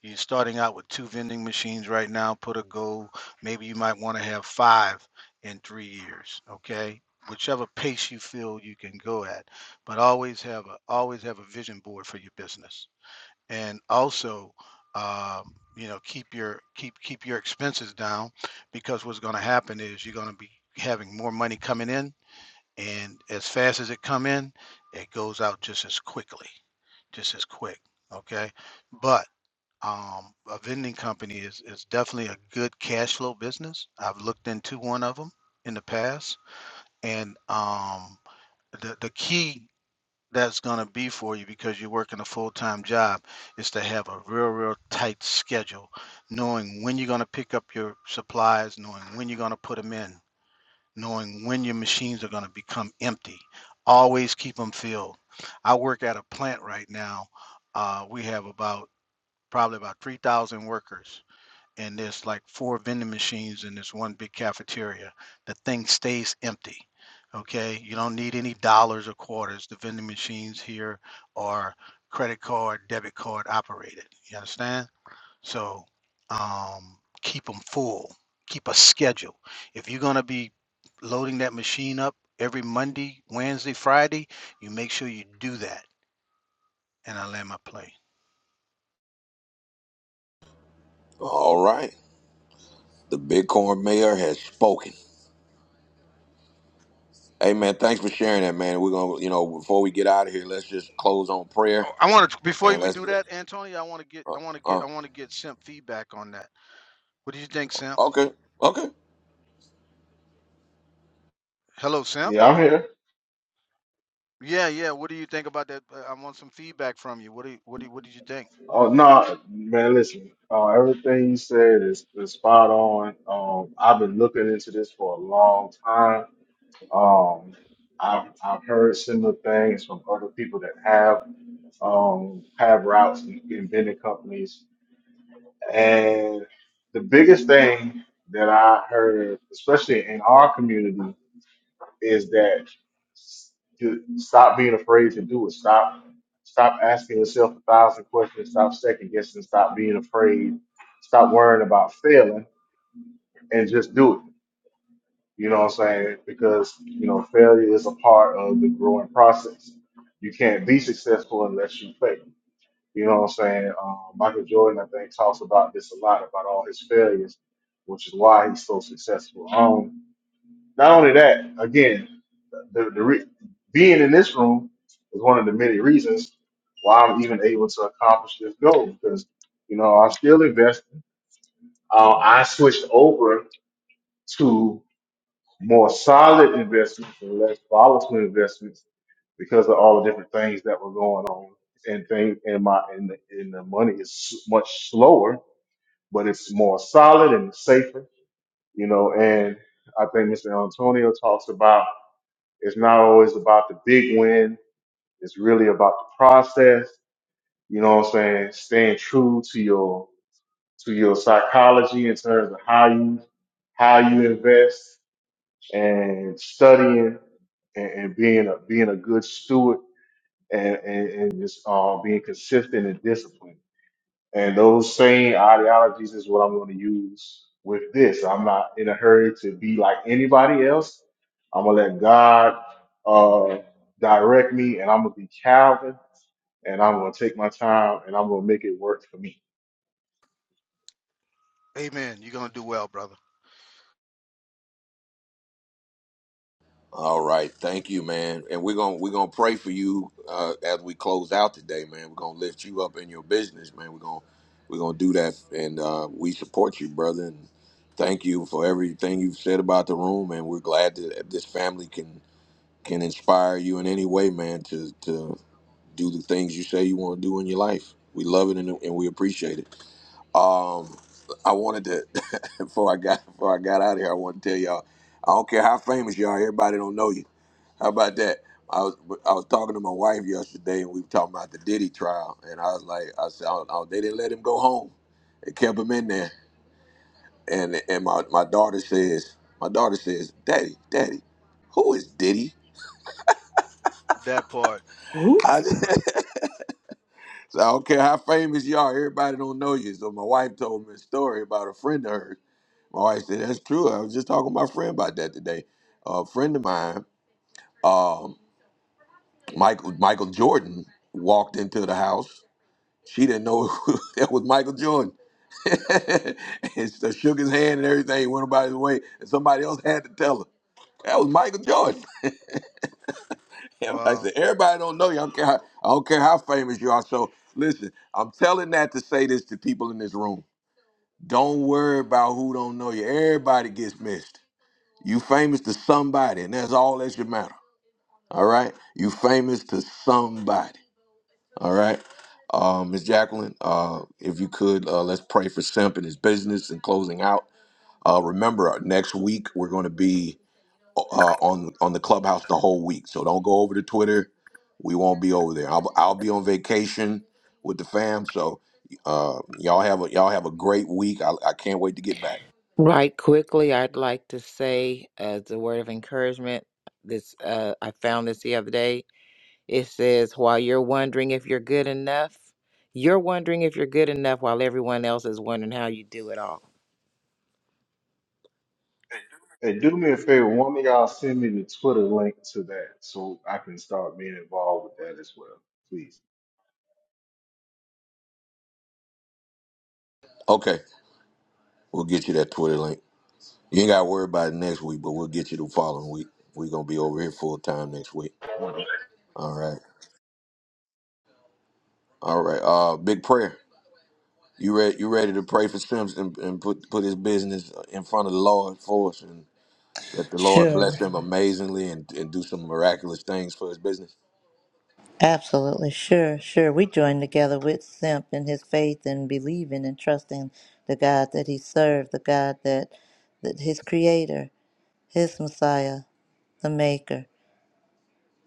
[SPEAKER 11] you're starting out with two vending machines right now put a goal maybe you might want to have five in three years okay whichever pace you feel you can go at but always have a always have a vision board for your business and also um, you know keep your keep keep your expenses down because what's going to happen is you're going to be having more money coming in and as fast as it come in it goes out just as quickly just as quick okay but um, a vending company is, is definitely a good cash flow business i've looked into one of them in the past and um, the, the key that's going to be for you because you're working a full-time job is to have a real real tight schedule knowing when you're going to pick up your supplies knowing when you're going to put them in knowing when your machines are going to become empty always keep them filled i work at a plant right now uh, we have about probably about 3000 workers and there's like four vending machines in this one big cafeteria. The thing stays empty. Okay, you don't need any dollars or quarters. The vending machines here are credit card, debit card operated. You understand? So um, keep them full. Keep a schedule. If you're gonna be loading that machine up every Monday, Wednesday, Friday, you make sure you do that. And I land my plane.
[SPEAKER 1] All right, the Bitcoin Mayor has spoken. Hey, man, thanks for sharing that, man. We're gonna, you know, before we get out of here, let's just close on prayer
[SPEAKER 11] Oh, I want to before
[SPEAKER 1] and
[SPEAKER 11] we
[SPEAKER 1] let's.
[SPEAKER 11] do that, Antonio. I want to get, I want to get,
[SPEAKER 1] Uh,
[SPEAKER 11] I want to get Simp feedback on that. What do you think, Simp?
[SPEAKER 1] okay, okay,
[SPEAKER 11] Hello, Simp.
[SPEAKER 12] yeah, I'm here.
[SPEAKER 11] Yeah, yeah. What do you think about that? Uh, I want some feedback from you. What do, you, what do, you- what did you think?
[SPEAKER 12] Oh no, man! Listen, uh, everything you said is, is spot on. Um, I've been looking into this for a long time. Um, I've I've heard similar things from other people that have um have routes in, in vending companies, and the biggest thing that I heard, especially in our community, is that to stop being afraid to do it. Stop stop asking yourself a thousand questions. Stop second guessing. Stop being afraid. Stop worrying about failing and just do it. You know what I'm saying? Because you know failure is a part of the growing process. You can't be successful unless you fail. You know what I'm saying? Uh, Michael Jordan, I think, talks about this a lot about all his failures, which is why he's so successful. Um, not only that, again, the, the re- being in this room is one of the many reasons why I'm even able to accomplish this goal because you know I'm still investing. Uh, I switched over to more solid investments and less volatile investments because of all the different things that were going on and thing and my and the, and the money is much slower, but it's more solid and safer, you know. And I think Mr. Antonio talks about it's not always about the big win It's really about the process. You know what I'm saying? Staying true to your to your psychology in terms of how you how you invest and studying and, and being a being a good steward and, and, and just uh, being consistent and disciplined. And those same ideologies is what I'm going to use with this. I'm not in a hurry to be like anybody else. I'm gonna let God uh, direct me, and I'm gonna be Calvin and I'm gonna take my time and I'm gonna make it work for me.
[SPEAKER 11] Amen. You're gonna do well, brother.
[SPEAKER 1] All right, thank you, man. And we're gonna we're gonna pray for you uh, as we close out today, man. We're gonna lift you up in your business, man. We're gonna we're gonna do that, and uh, we support you, brother. And thank you for everything you've said about the room, and we're glad that this family can can inspire you in any way, man, to to do the things you say you want to do in your life. We love it and, and we appreciate it. Um, I wanted to before I got before I got out of here, I want to tell y'all. I don't care how famous you are, everybody don't know you. How about that? I was I was talking to my wife yesterday, and we were talking about the Diddy trial, and I was like, I said, oh, oh, they didn't let him go home. They kept him in there, and and my, my daughter says, my daughter says, Daddy, Daddy, who is Diddy?
[SPEAKER 11] That part.
[SPEAKER 3] Ooh,
[SPEAKER 1] I,
[SPEAKER 3] child.
[SPEAKER 1] so I don't care how famous you are, everybody don't know you. So my wife told me a story about a friend of hers. My wife said, that's true. I was just talking to my friend about that today. A friend of mine, um, Michael Michael Jordan, walked into the house She didn't know that was Michael Jordan. and so shook his hand and everything, went about his way. And somebody else had to tell her. That was Michael Jordan. And I
[SPEAKER 11] Wow.
[SPEAKER 1] said, everybody don't know you. I don't, care how, I don't care how famous you are. So listen, I'm telling that to say this to people in this room. Don't worry about who don't know you. Everybody gets missed. You famous to somebody, and that's all that should matter. All right? You famous to somebody. All right. Uh, Ms. Jacqueline, uh, if you could, uh, let's pray for Simp and his business and closing out. Uh, remember, uh, next week we're going to be uh, on on the clubhouse the whole week, so don't go over to Twitter. We won't be over there. I'll, I'll be on vacation with the fam, so uh, y'all have a y'all have a great week. I, I can't wait to get back.
[SPEAKER 4] Right quickly, I'd like to say as a word of encouragement, this uh, I found this the other day. It says, while you're wondering if you're good enough, you're wondering if you're good enough while everyone else is wondering how you do it all.
[SPEAKER 12] Hey, do me a favor, one of y'all send me the Twitter link to that so I can start being involved with that as well, please.
[SPEAKER 1] Okay, we'll get you that Twitter link. You ain't got to worry about it next week, but we'll get you the following week. We're gonna be over here full time next week. All right, all right. Uh, big prayer. You ready? You ready to pray for Sims and, and put put his business in front of the Lord for us, and let the Lord bless
[SPEAKER 2] Sure.
[SPEAKER 1] him amazingly and, and do some miraculous things for his business.
[SPEAKER 2] Absolutely. Sure. Sure. We join together with Simp in his faith and believing and trusting the God that he served, the God that, that his creator, his Messiah, the maker.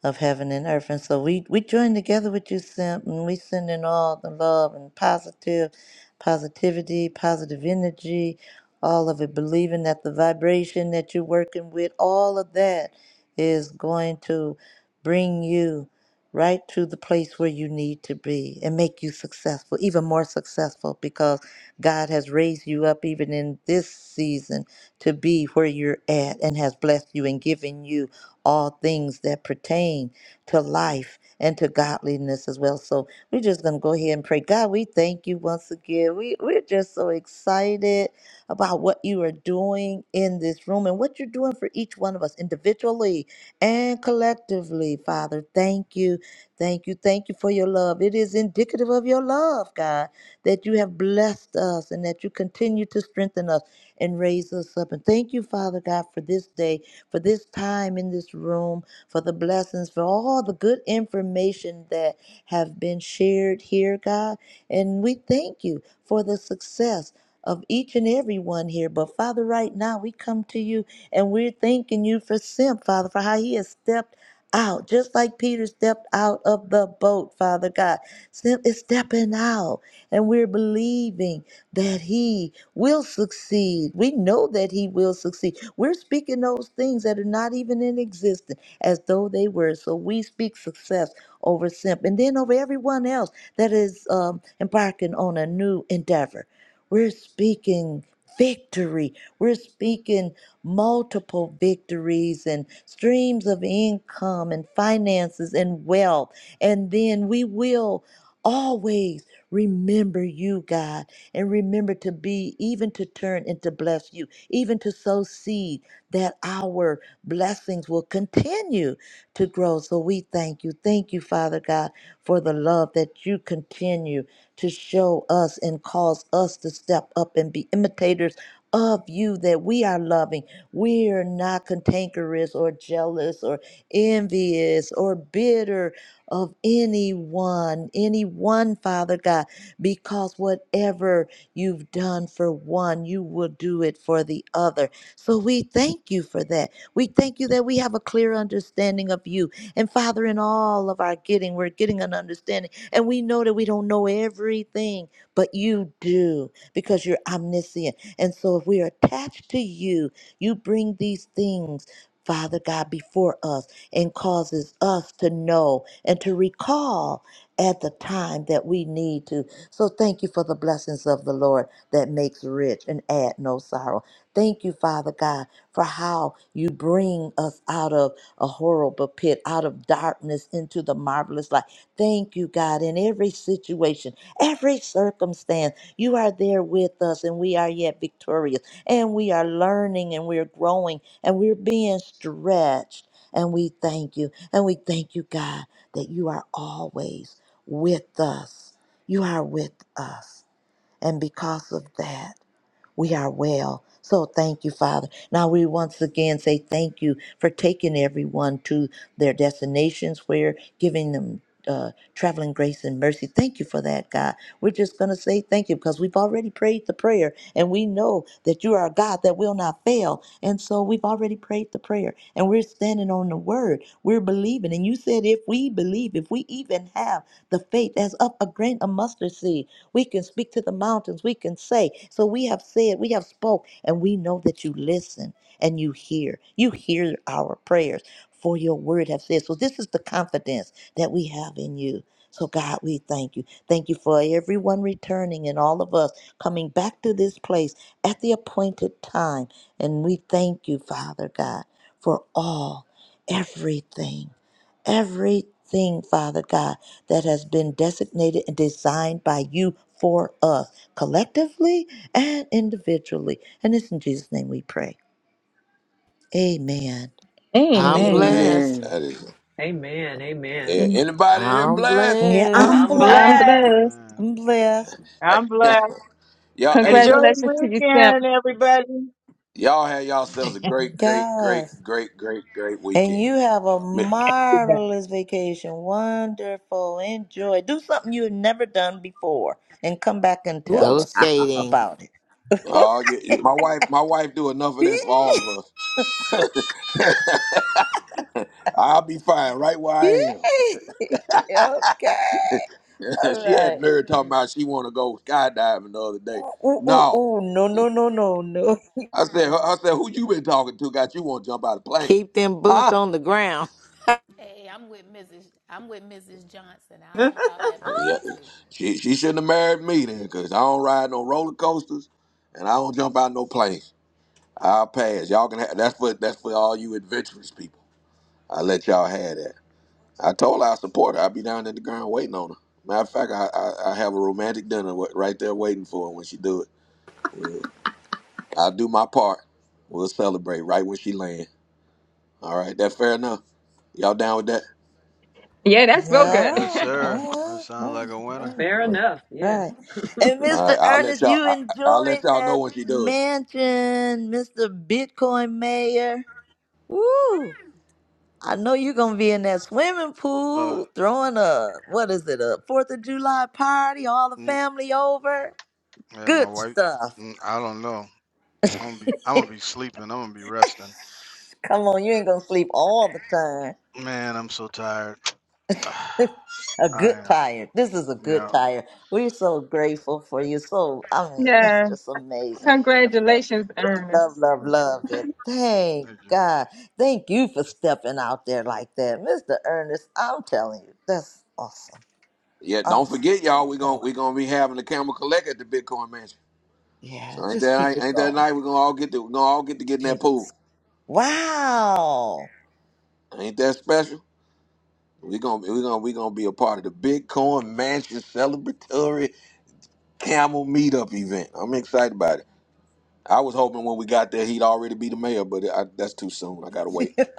[SPEAKER 2] of heaven and earth. And so we, we join together with you, Simp, and we send in all the love and positive positivity, positive energy, all of it, believing that the vibration that you're working with, all of that is going to bring you right to the place where you need to be and make you successful, even more successful, because God has raised you up even in this season to be where you're at and has blessed you and given you all things that pertain to life and to godliness as well. So we're just going to go ahead and pray. God, we thank you once again. We, we're just so excited about what you are doing in this room and what you're doing for each one of us individually and collectively, Father. Thank you. Thank you. Thank you for your love. It is indicative of your love, God, that you have blessed us and that you continue to strengthen us and raise us up. And thank you, Father God, for this day for this time in this room, for the blessings, for all the good information that have been shared here, God. And we thank you for the success of each and every one here. But Father, right now we come to you and we're thanking you for Simp, Father, for how he has stepped out, just like Peter stepped out of the boat, Father God. Simp is stepping out and we're believing that He will succeed. We know that He will succeed. We're speaking those things that are not even in existence as though they were. So we speak success over Simp and then over everyone else that is um, embarking on a new endeavor. We're speaking victory. We're speaking multiple victories and streams of income and finances and wealth. And then we will always. Remember you, God, and remember to be, even to turn and to bless you, even to sow seed that our blessings will continue to grow. So we thank you. Thank you, Father God, for the love that you continue to show us and cause us to step up and be imitators of you that we are loving. We are not cantankerous or jealous or envious or bitter of anyone, anyone, Father God, because whatever you've done for one, you will do it for the other. So we thank you for that. We thank you that we have a clear understanding of you. And Father, in all of our getting, we're getting an understanding. And we know that we don't know everything, but you do because you're omniscient. And so if we are attached to you, you bring these things. Father God, before us and causes us to know and to recall at the time that we need to. So thank you for the blessings of the Lord that makes rich and add no sorrow. Thank you, Father God, for how you bring us out of a horrible pit, out of darkness into the marvelous light. Thank you, God, in every situation, every circumstance, you are there with us and we are yet victorious and we are learning and we're growing and we're being stretched. And we thank you. And we thank you, God that you are always with us. You are with us. And because of that, we are well. So thank you, Father. Now we once again say thank you for taking everyone to their destinations where giving them uh, traveling grace and mercy. Thank you for that, God. We're just going to say thank you because we've already prayed the prayer and we know that you are a God that will not fail. And so we've already prayed the prayer and we're standing on the word. We're believing. And you said if we believe, if we even have the faith as of a grain of mustard seed, we can speak to the mountains. We can say, so we have said, we have spoke, and we know that you listen and you hear. You hear our prayers for your word have said. So this is the confidence that we have in you. So God, we thank you. Thank you for everyone returning and all of us coming back to this place at the appointed time. And we thank you, Father God, for all, everything everything, Father God, that has been designated and designed by you for us, collectively and individually. And it's in Jesus' name we pray. Amen.
[SPEAKER 4] I'm
[SPEAKER 6] Amen.
[SPEAKER 1] Amen.
[SPEAKER 4] blessed.
[SPEAKER 3] Amen.
[SPEAKER 1] That is.
[SPEAKER 13] Amen. Amen.
[SPEAKER 1] Yeah. Anybody in here
[SPEAKER 4] I'm
[SPEAKER 1] blessed?
[SPEAKER 2] Yeah,
[SPEAKER 4] blessed.
[SPEAKER 2] I'm
[SPEAKER 3] I'm
[SPEAKER 13] I'm
[SPEAKER 3] blessed.
[SPEAKER 6] I'm
[SPEAKER 2] blessed.
[SPEAKER 11] Amen,
[SPEAKER 13] blessed.
[SPEAKER 6] blessed.
[SPEAKER 11] amen.
[SPEAKER 2] I'm blessed.
[SPEAKER 7] I'm
[SPEAKER 1] Hey,
[SPEAKER 7] blessed.
[SPEAKER 1] y'all, hey,
[SPEAKER 7] Enjoy
[SPEAKER 1] y'all,
[SPEAKER 6] Congratulations to
[SPEAKER 7] the
[SPEAKER 6] you, Simp.
[SPEAKER 7] weekend, everybody.
[SPEAKER 1] y'all have yourselves a great, great,
[SPEAKER 2] Yes.
[SPEAKER 1] great, great, great, great
[SPEAKER 2] And
[SPEAKER 1] weekend.
[SPEAKER 2] you have a
[SPEAKER 1] Me-
[SPEAKER 2] marvelous vacation. Wonderful. Enjoy. Do something you've never done before and come back and
[SPEAKER 3] Ooh,
[SPEAKER 2] tell
[SPEAKER 4] Go
[SPEAKER 2] us
[SPEAKER 3] child.
[SPEAKER 4] skating.
[SPEAKER 2] about it.
[SPEAKER 1] Oh, yeah, yeah, my wife, my wife do enough of that for all of us. I'll be fine right where I am.
[SPEAKER 2] okay. All
[SPEAKER 1] she had
[SPEAKER 2] right.
[SPEAKER 1] Mary talking about she want to go skydiving the other day.
[SPEAKER 2] Ooh, ooh,
[SPEAKER 1] No,
[SPEAKER 2] ooh. No, no, no, no, no.
[SPEAKER 1] I said, I said, who you been talking to? Got you want to jump out of the plane?
[SPEAKER 4] Keep them boots
[SPEAKER 1] Huh?
[SPEAKER 4] on the ground.
[SPEAKER 5] Hey, I'm with Mrs. I'm with Mrs. Johnson. I'll jump out that
[SPEAKER 1] Yeah,
[SPEAKER 5] plane too.
[SPEAKER 1] she she shouldn't have married me then, cause I don't ride no roller coasters, and I don't jump out no planes. I'll pass. Y'all can have that's for that's for all you adventurous people. I let y'all have that. I told her I support her. I'll be down at the ground waiting on her. Matter of fact, I I, I have a romantic dinner wa- right there waiting for her when she do it. we I'll do my part. We'll celebrate right when she land. All right, that fair enough. Y'all down with that?
[SPEAKER 6] Yeah, that's real
[SPEAKER 11] Yep.
[SPEAKER 2] Yeah.
[SPEAKER 6] good.
[SPEAKER 11] Yes, sir. That
[SPEAKER 2] Oh, yeah.
[SPEAKER 11] sounds like a
[SPEAKER 2] Right.
[SPEAKER 11] winner.
[SPEAKER 2] right.
[SPEAKER 13] Fair enough. Yes.
[SPEAKER 2] right. And
[SPEAKER 1] All
[SPEAKER 2] Mr.
[SPEAKER 1] right, I'll let
[SPEAKER 2] Ernest,
[SPEAKER 1] y'all.
[SPEAKER 2] you
[SPEAKER 1] I, I- I'll let
[SPEAKER 2] enjoyed
[SPEAKER 1] y'all know
[SPEAKER 2] that
[SPEAKER 1] when she do it.
[SPEAKER 2] mansion, Mr. Bitcoin Mayor. Woo! I know you're gonna be in that swimming
[SPEAKER 11] Uh,
[SPEAKER 2] pool throwing a what is it, a Fourth of July party, all the
[SPEAKER 11] mm,
[SPEAKER 2] family over.
[SPEAKER 11] yeah, my
[SPEAKER 2] Good
[SPEAKER 11] wife.
[SPEAKER 2] stuff.
[SPEAKER 11] mm, I don't know. I'm gonna be, I'm gonna be sleeping. I'm gonna be resting.
[SPEAKER 2] Come on, you ain't gonna sleep all the time.
[SPEAKER 11] Man, I'm so tired. I
[SPEAKER 2] a good
[SPEAKER 11] am.
[SPEAKER 2] tire. This is a good
[SPEAKER 11] Yeah.
[SPEAKER 2] tire. We're so grateful for you. So I mean, that's
[SPEAKER 6] yeah.
[SPEAKER 2] just amazing, wonderful.
[SPEAKER 6] Congratulations,
[SPEAKER 2] We love,
[SPEAKER 6] Ernest.
[SPEAKER 2] love, love it.
[SPEAKER 11] Mm,
[SPEAKER 2] Thank
[SPEAKER 11] thank you.
[SPEAKER 2] God. Thank you for stepping out there like that, Mr. Ernest. I'm telling you, that's awesome.
[SPEAKER 1] Yeah, don't
[SPEAKER 2] Awesome.
[SPEAKER 1] forget,
[SPEAKER 2] Keep
[SPEAKER 1] y'all. We gonna
[SPEAKER 2] going.
[SPEAKER 1] we gonna be having the camel collect at the Bitcoin Mansion.
[SPEAKER 2] Yeah,
[SPEAKER 1] So ain't
[SPEAKER 2] just
[SPEAKER 1] that
[SPEAKER 2] keep
[SPEAKER 1] ain't,
[SPEAKER 2] it
[SPEAKER 1] ain't that
[SPEAKER 2] going.
[SPEAKER 1] night? We gonna all get to we gonna all get to get in that
[SPEAKER 2] Jeez.
[SPEAKER 1] pool.
[SPEAKER 2] Wow.
[SPEAKER 1] Ain't that special? We gonna we gonna we gonna be a part of the Bitcoin Mansion celebratory camel meetup event. I'm excited about it. I was hoping when we got there he'd already be the mayor, but I, that's too soon. I gotta wait.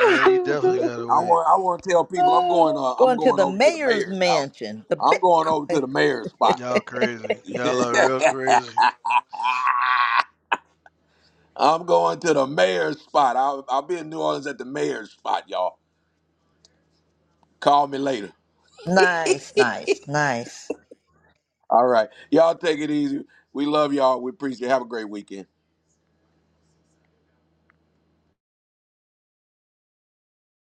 [SPEAKER 11] Yeah, you definitely gotta
[SPEAKER 1] I
[SPEAKER 11] wait.
[SPEAKER 1] want I want to tell people I'm going. Uh, I'm
[SPEAKER 2] Going to
[SPEAKER 1] going
[SPEAKER 2] the
[SPEAKER 1] over to the
[SPEAKER 2] mayor's
[SPEAKER 1] mayor's house.
[SPEAKER 2] mansion, the
[SPEAKER 1] I'm going over to
[SPEAKER 2] Bitcoin.
[SPEAKER 1] the mayor's spot.
[SPEAKER 11] Y'all crazy.
[SPEAKER 1] I'm
[SPEAKER 11] Y'all are real crazy.
[SPEAKER 1] going to the mayor's spot. I'll, I'll be in New Orleans at the mayor's spot, y'all. Call me later.
[SPEAKER 2] Nice, nice, nice.
[SPEAKER 1] All right. Y'all take it easy. We love y'all. We appreciate it. Have a great weekend.